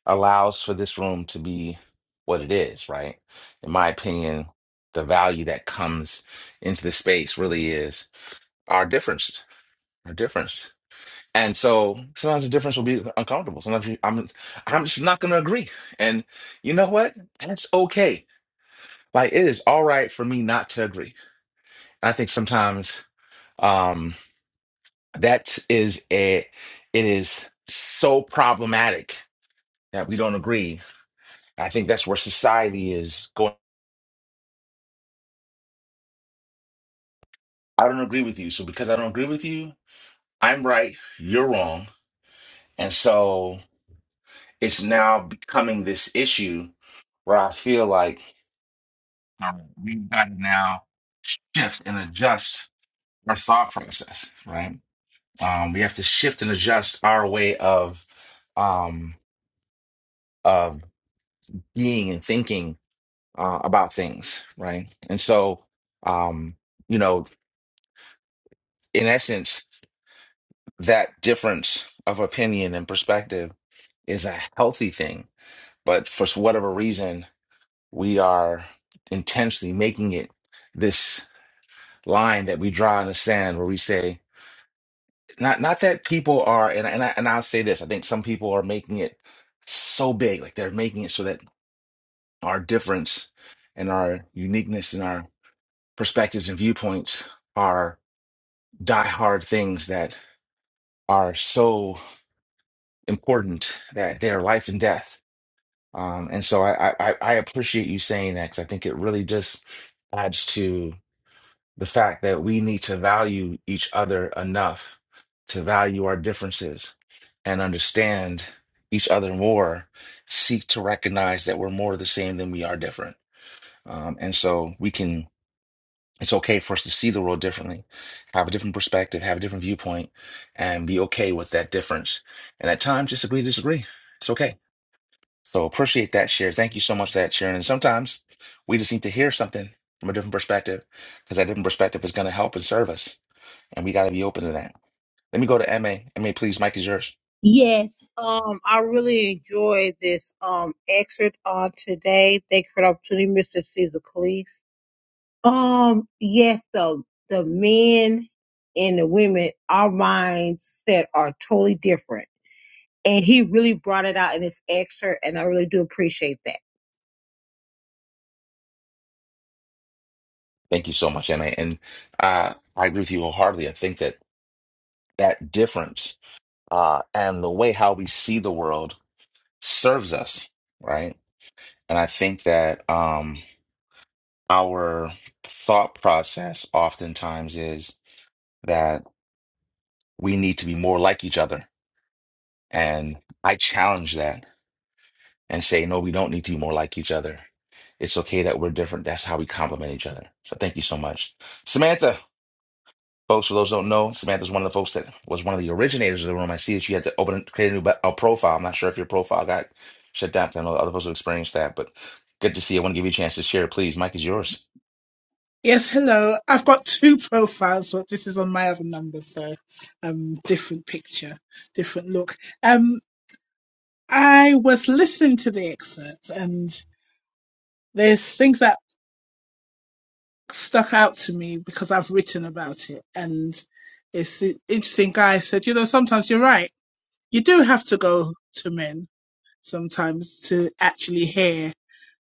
Speaker 1: allows for this room to be what it is, right? In my opinion, the value that comes into the space really is our difference. Our difference. And so sometimes the difference will be uncomfortable. Sometimes you, I'm I'm just not going to agree. And you know what? That's okay. Like it is all right for me not to agree. And I think sometimes um that is a it is so problematic that we don't agree. I think that's where society is going. I don't agree with you. So because I don't agree with you, I'm right, you're wrong. And so it's now becoming this issue where I feel like Um, we've got to now shift and adjust our thought process, right? Um, we have to shift and adjust our way of um, of being and thinking uh, about things, right? And so, um, you know, in essence, that difference of opinion and perspective is a healthy thing. But for whatever reason, we are intentionally making it this line that we draw in the sand where we say Not not that people are, and and I, and I'll say this, I think some people are making it so big, like they're making it so that our difference and our uniqueness and our perspectives and viewpoints are diehard things that are so important that they are life and death. Um, and so I, I I I appreciate you saying that because I think it really just adds to the fact that we need to value each other enough to value our differences and understand each other more, seek to recognize that we're more the same than we are different. Um, and so we can, it's okay for us to see the world differently, have a different perspective, have a different viewpoint, and be okay with that difference. And at times, just agree to disagree. It's okay. So appreciate that share. Thank you so much for that sharing. And sometimes we just need to hear something from a different perspective because that different perspective is going to help and serve us. And we got to be open to that. Let me go to MA. MA, please. Mike is yours.
Speaker 2: Yes, um, I really enjoyed this um excerpt on today. Thanks for the opportunity, Mr. Caesar Cleese. Um, yes, the the men and the women, our mindset are totally different. And he really brought it out in this excerpt, and I really do appreciate that.
Speaker 1: Thank you so much, Anna. And uh, I agree with you wholeheartedly. I think that that difference uh, and the way how we see the world serves us, right? And I think that um, our thought process oftentimes is that we need to be more like each other. And I challenge that and say, no, we don't need to be more like each other. It's okay that we're different. That's how we complement each other. So thank you so much. Samantha. Folks, for those who don't know, Samantha's one of the folks that was one of the originators of the room. I see that you had to open create a new ba- a profile. I'm not sure if your profile got shut down. 'cause I know other folks who experienced that, but good to see you. I want to give you a chance to share. Please, Mike is yours.
Speaker 8: Yes, hello. I've got two profiles, but this is on my other number, so um, different picture, different look. Um, I was listening to the excerpt, and there's things that stuck out to me because I've written about it, and it's an interesting. Guy said, you know, sometimes you're right. You do have to go to men sometimes to actually hear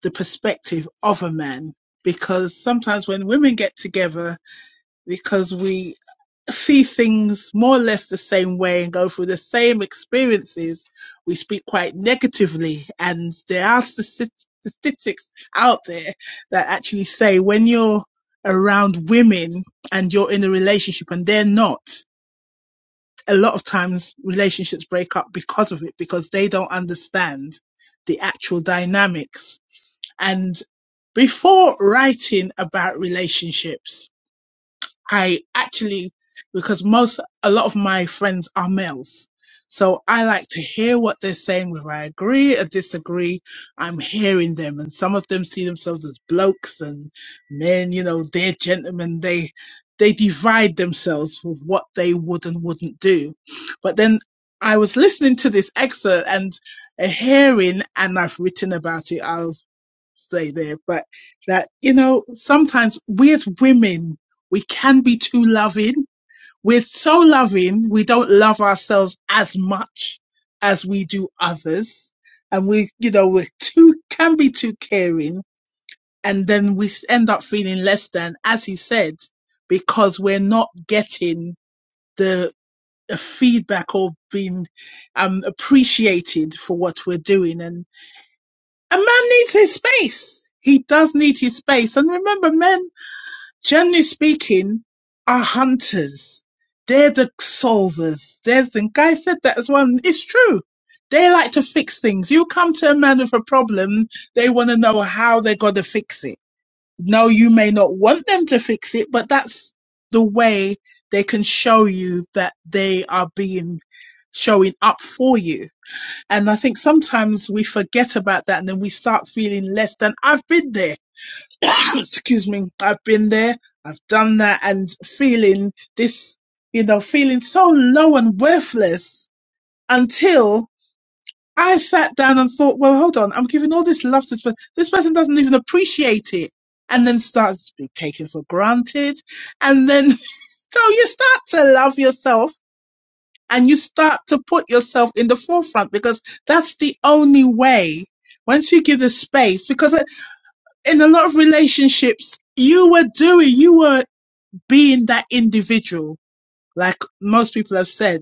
Speaker 8: the perspective of a man, because sometimes when women get together, because we see things more or less the same way and go through the same experiences, we speak quite negatively. And there are statis- statistics out there that actually say when you're around women and you're in a relationship and they're not, a lot of times relationships break up because of it, because they don't understand the actual dynamics. And before writing about relationships, I actually, because most, a lot of my friends are males. So I like to hear what they're saying, whether I agree or disagree. I'm hearing them. And some of them see themselves as blokes and men, you know, they're gentlemen. They, they divide themselves with what they would and wouldn't do. But then I was listening to this excerpt and a hearing, and I've written about it. I'll say there, but that, you know, sometimes we as women, we can be too loving. We're so loving, we don't love ourselves as much as we do others. And we, you know, we're too, can be too caring. And then we end up feeling less than, as he said, because we're not getting the, the feedback or being um, appreciated for what we're doing. And a man needs his space. He does need his space. And remember, men generally speaking, are hunters. They're the solvers. There's are the guy said that as well. and It's true. They like to fix things. You come to a man with a problem, they want to know how they're going to fix it. No, you may not want them to fix it, but that's the way they can show you that they are being showing up for you. And I think sometimes we forget about that and then we start feeling less than I've been there. *coughs* excuse me, I've been there, I've done that, and feeling this, you know, feeling so low and worthless until I sat down and thought, well, hold on, I'm giving all this love to this person. This person doesn't even appreciate it. And then starts to be taken for granted. And then, *laughs* so you start to love yourself and you start to put yourself in the forefront because that's the only way. Once you give the space, because uh, in a lot of relationships, you were doing, you were being that individual, like most people have said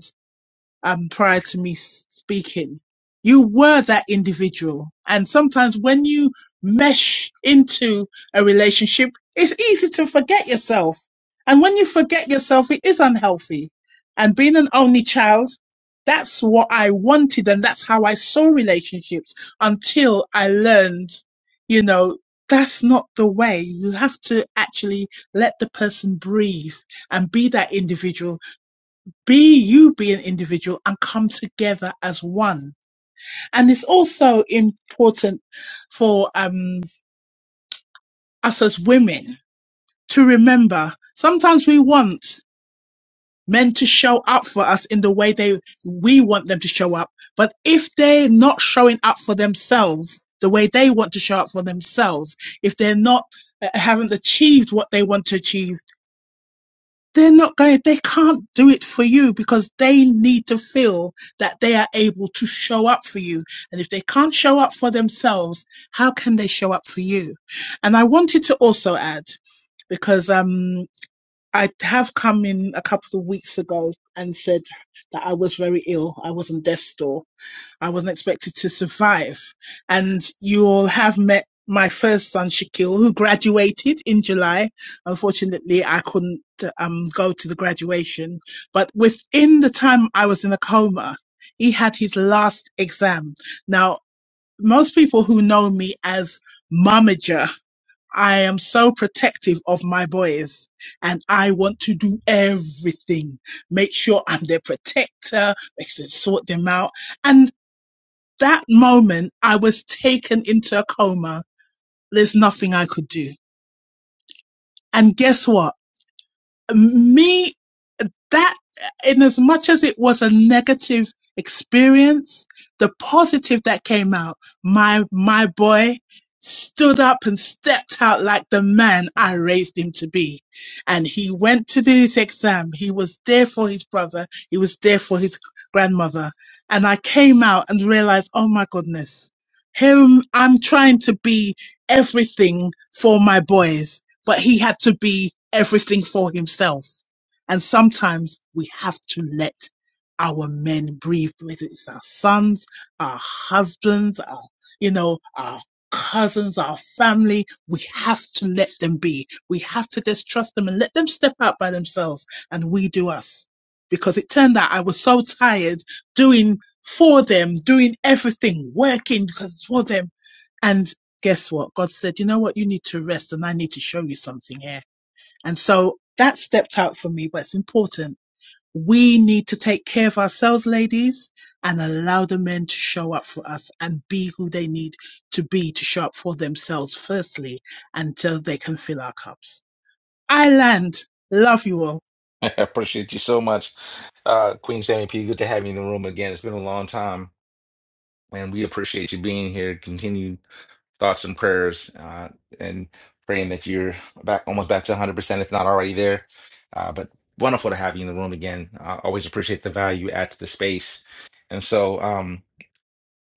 Speaker 8: um, prior to me s- speaking. You were that individual. And sometimes when you mesh into a relationship, it's easy to forget yourself. And when you forget yourself, it is unhealthy. And being an only child, that's what I wanted. And that's how I saw relationships until I learned, you know, that's not the way. You have to actually let the person breathe and be that individual be you be an individual and come together as one and it's also important for um us as women to remember sometimes we want men to show up for us in the way they we want them to show up but if they're not showing up for themselves the way they want to show up for themselves if they're not uh, haven't achieved what they want to achieve they're not going they can't do it for you because they need to feel that they are able to show up for you and if they can't show up for themselves how can they show up for you and i wanted to also add because um i have come in a couple of weeks ago and said that i was very ill i was on death's door I wasn't expected to survive. And you all have met my first son, Shaquille, who graduated in July. Unfortunately, I couldn't um, go to the graduation. But within the time I was in a coma, he had his last exam. Now, most people who know me as momager, I am so protective of my boys and I want to do everything. Make sure I'm their protector, make sure sort them out. and. That moment, I was taken into a coma. There's nothing I could do. And guess what? Me that in as much as it was a negative experience the positive that came out my my boy stood up and stepped out like the man i raised him to be and he went to do his exam he was there for his brother he was there for his grandmother and i came out and realized oh my goodness him i'm trying to be everything for my boys but he had to be everything for himself and sometimes we have to let our men breathe, whether it's our sons, our husbands, our, you know, our cousins, our family. We have to let them be. We have to just trust them and let them step out by themselves and we do us. Because it turned out I was so tired doing for them, doing everything, working because for them. And guess what? God said, you know what? You need to rest and I need to show you something here and so that stepped out for me, but it's important. We need to take care of ourselves, ladies, and allow the men to show up for us and be who they need to be to show up for themselves, firstly, until they can fill our cups. I land. Love you all.
Speaker 1: *laughs* I appreciate you so much. Uh, Queen Sammy P, good to have you in the room again. It's been a long time, and we appreciate you being here. Continue. thoughts and prayers uh, and praying that you're back almost back to 100% if not already there uh, but wonderful to have you in the room again i always appreciate the value you add to the space and so um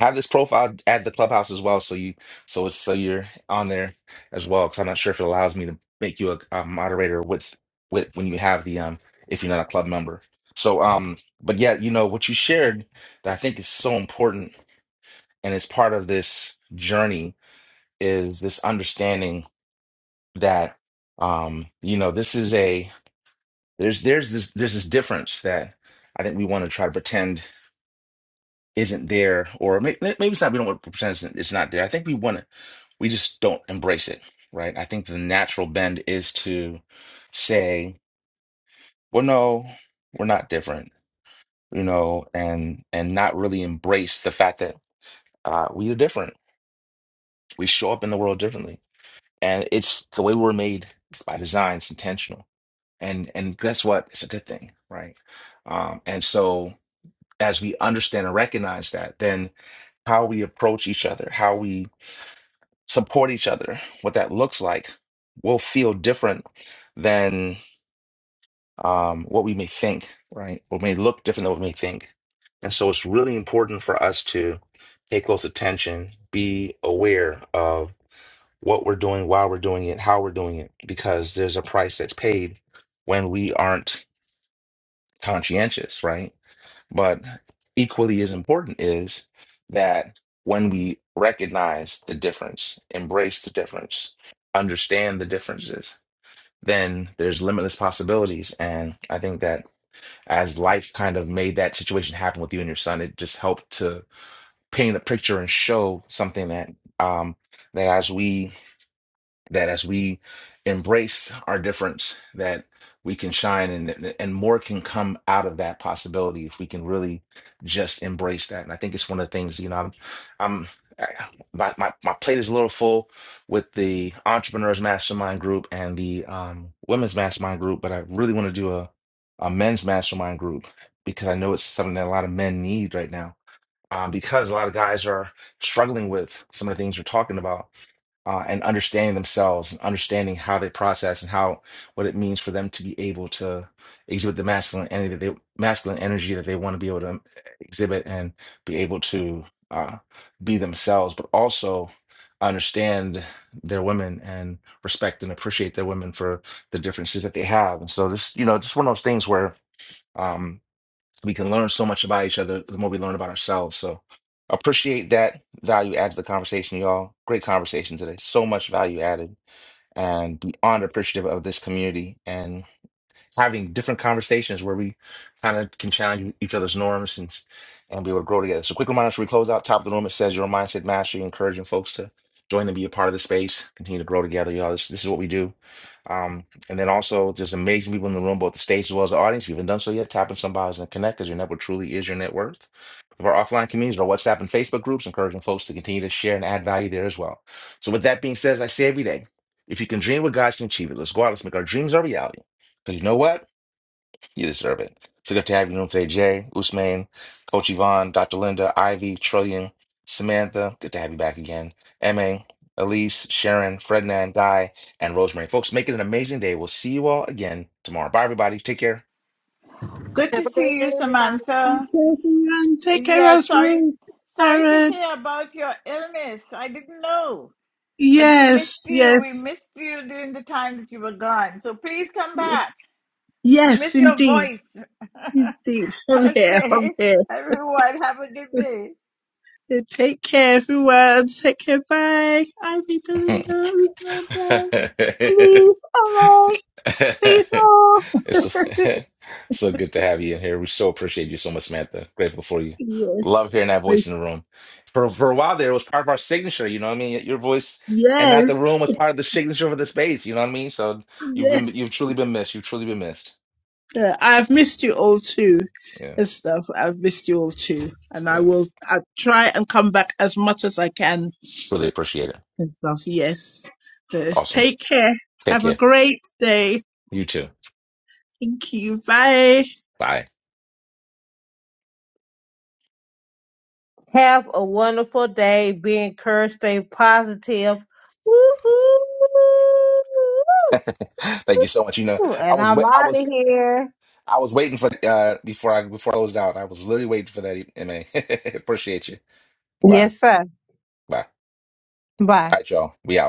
Speaker 1: have this profile add the clubhouse as well so you so it's so you're on there as well because i'm not sure if it allows me to make you a, a moderator with with when you have the um if you're not a club member so um but yeah you know what you shared that i think is so important and is part of this journey is this understanding that um you know this is a there's there's this there's this difference that I think we want to try to pretend isn't there or may, maybe it's not we don't want to pretend it's it's not there. I think we want to we just don't embrace it, right? I think the natural bend is to say, well, no, we're not different, you know, and and not really embrace the fact that uh, we are different. We show up in the world differently, and it's the way we're made. It's by design. It's intentional. and and guess what? It's a good thing, right? Um, and so as we understand and recognize that, then how we approach each other, how we support each other, what that looks like, will feel different than um, what we may think, right? Or may look different than what we may think. And so it's really important for us to pay close attention, be aware of what we're doing, why we're doing it, how we're doing it, because there's a price that's paid when we aren't conscientious, right? But equally as important is that when we recognize the difference, embrace the difference, understand the differences, then there's limitless possibilities. And I think that as life kind of made that situation happen with you and your son, it just helped to paint a picture and show something that um, that as we that as we embrace our difference that we can shine and and more can come out of that possibility if we can really just embrace that and i think it's one of the things you know i'm, I'm I- my, my my plate is a little full with the entrepreneurs mastermind group and the um, women's mastermind group but i really want to do a, a men's mastermind group because i know it's something that a lot of men need right now um, because a lot of guys are struggling with some of the things you're talking about uh, and understanding themselves and understanding how they process and how what it means for them to be able to exhibit the masculine energy that they masculine energy that they want to be able to uh, exhibit and be able to uh, be themselves, but also understand their women and respect and appreciate their women for the differences that they have. And so this, you know, just one of those things where. um, we can learn so much about each other the more we learn about ourselves. So appreciate that value add to the conversation, y'all. Great conversation today. So much value added and beyond appreciative of this community. and having different conversations where we kind of can challenge each other's norms and and be able to grow together. So quick reminder as we close out top of the room, it says your mindset mastery, encouraging folks to join and be a part of the space, continue to grow together. Y'all, this, this is what we do. Um, and then also there's amazing people in the room, both the stage as well as the audience. If you haven't done so yet, tap in some bios and connect because your network truly is your net worth. Of our offline communities, our WhatsApp and Facebook groups, encouraging folks to continue to share and add value there as well. So with that being said, as I say every day, if you can dream what God can achieve it, let's go out, let's make our dreams our reality. Because you know what? You deserve it. So good to have you on today, Jay, Usman, Coach Yvonne, Dr. Linda, Ivy, Trillian, Samantha. Good to have you back again. Emma, Elise, Sharon, Frednan, Guy, and Rosemary. Folks, make it an amazing day. We'll see you all again tomorrow. Bye, everybody. Take care.
Speaker 4: Good to
Speaker 3: Have a
Speaker 4: see
Speaker 3: great day,
Speaker 4: you,
Speaker 3: everybody.
Speaker 8: Take
Speaker 4: Samantha.
Speaker 8: care, everyone. Take care,
Speaker 4: Yeah, sorry,
Speaker 8: Rosemary,
Speaker 4: sorry to
Speaker 8: Karen.
Speaker 4: hear about your illness. I didn't know, but we missed
Speaker 8: Yes,
Speaker 4: you. We
Speaker 8: yes,
Speaker 4: missed you during the time that you were gone. So please come back. We
Speaker 8: yes,
Speaker 4: miss your
Speaker 8: indeed.
Speaker 4: voice. *laughs*
Speaker 8: Indeed. *laughs*
Speaker 4: *laughs*
Speaker 8: I'm here. I'm
Speaker 4: Okay,
Speaker 8: here.
Speaker 4: everyone, have a good day.
Speaker 8: And take care, everyone. Take care. Bye. I'm
Speaker 1: *laughs*
Speaker 8: Belinda Usman.
Speaker 1: It's
Speaker 8: Please, alright. See you all.
Speaker 1: so
Speaker 8: *laughs*
Speaker 1: *laughs* so good to have you in here. We so appreciate you so much, Samantha. Grateful for you.
Speaker 8: Yes.
Speaker 1: Love hearing that voice in the room. For for a while there, it was part of our signature. You know what I mean? Your voice and
Speaker 8: Yes.
Speaker 1: not the room was part of the signature for the space. You know what I mean? So you've been you've
Speaker 8: Yes.
Speaker 1: truly been missed. You've truly been missed.
Speaker 8: Uh, I've missed you all too.
Speaker 1: Yeah,
Speaker 8: And stuff. I've missed you all too. And I
Speaker 1: yeah.
Speaker 8: will I'll try and come back as much as I can
Speaker 1: Really appreciate it.
Speaker 8: and stuff. Yes. Just
Speaker 1: Awesome.
Speaker 8: take care.
Speaker 1: Take
Speaker 8: Have a
Speaker 1: care.
Speaker 8: great day.
Speaker 1: You too.
Speaker 8: Thank you. Bye.
Speaker 1: Bye. *gasps*
Speaker 2: Have a wonderful day. Be encouraged. Stay positive. Woo-hoo!
Speaker 1: *laughs* Thank you so much. You know, I
Speaker 2: And
Speaker 1: was
Speaker 2: I'm
Speaker 1: wait, I
Speaker 2: out
Speaker 1: was
Speaker 2: of here.
Speaker 1: I was waiting for uh before I before I closed out. I was literally waiting for that, MA. *laughs* Appreciate you. Bye.
Speaker 2: Yes, sir.
Speaker 1: Bye.
Speaker 2: Bye.
Speaker 1: All right, y'all. We out.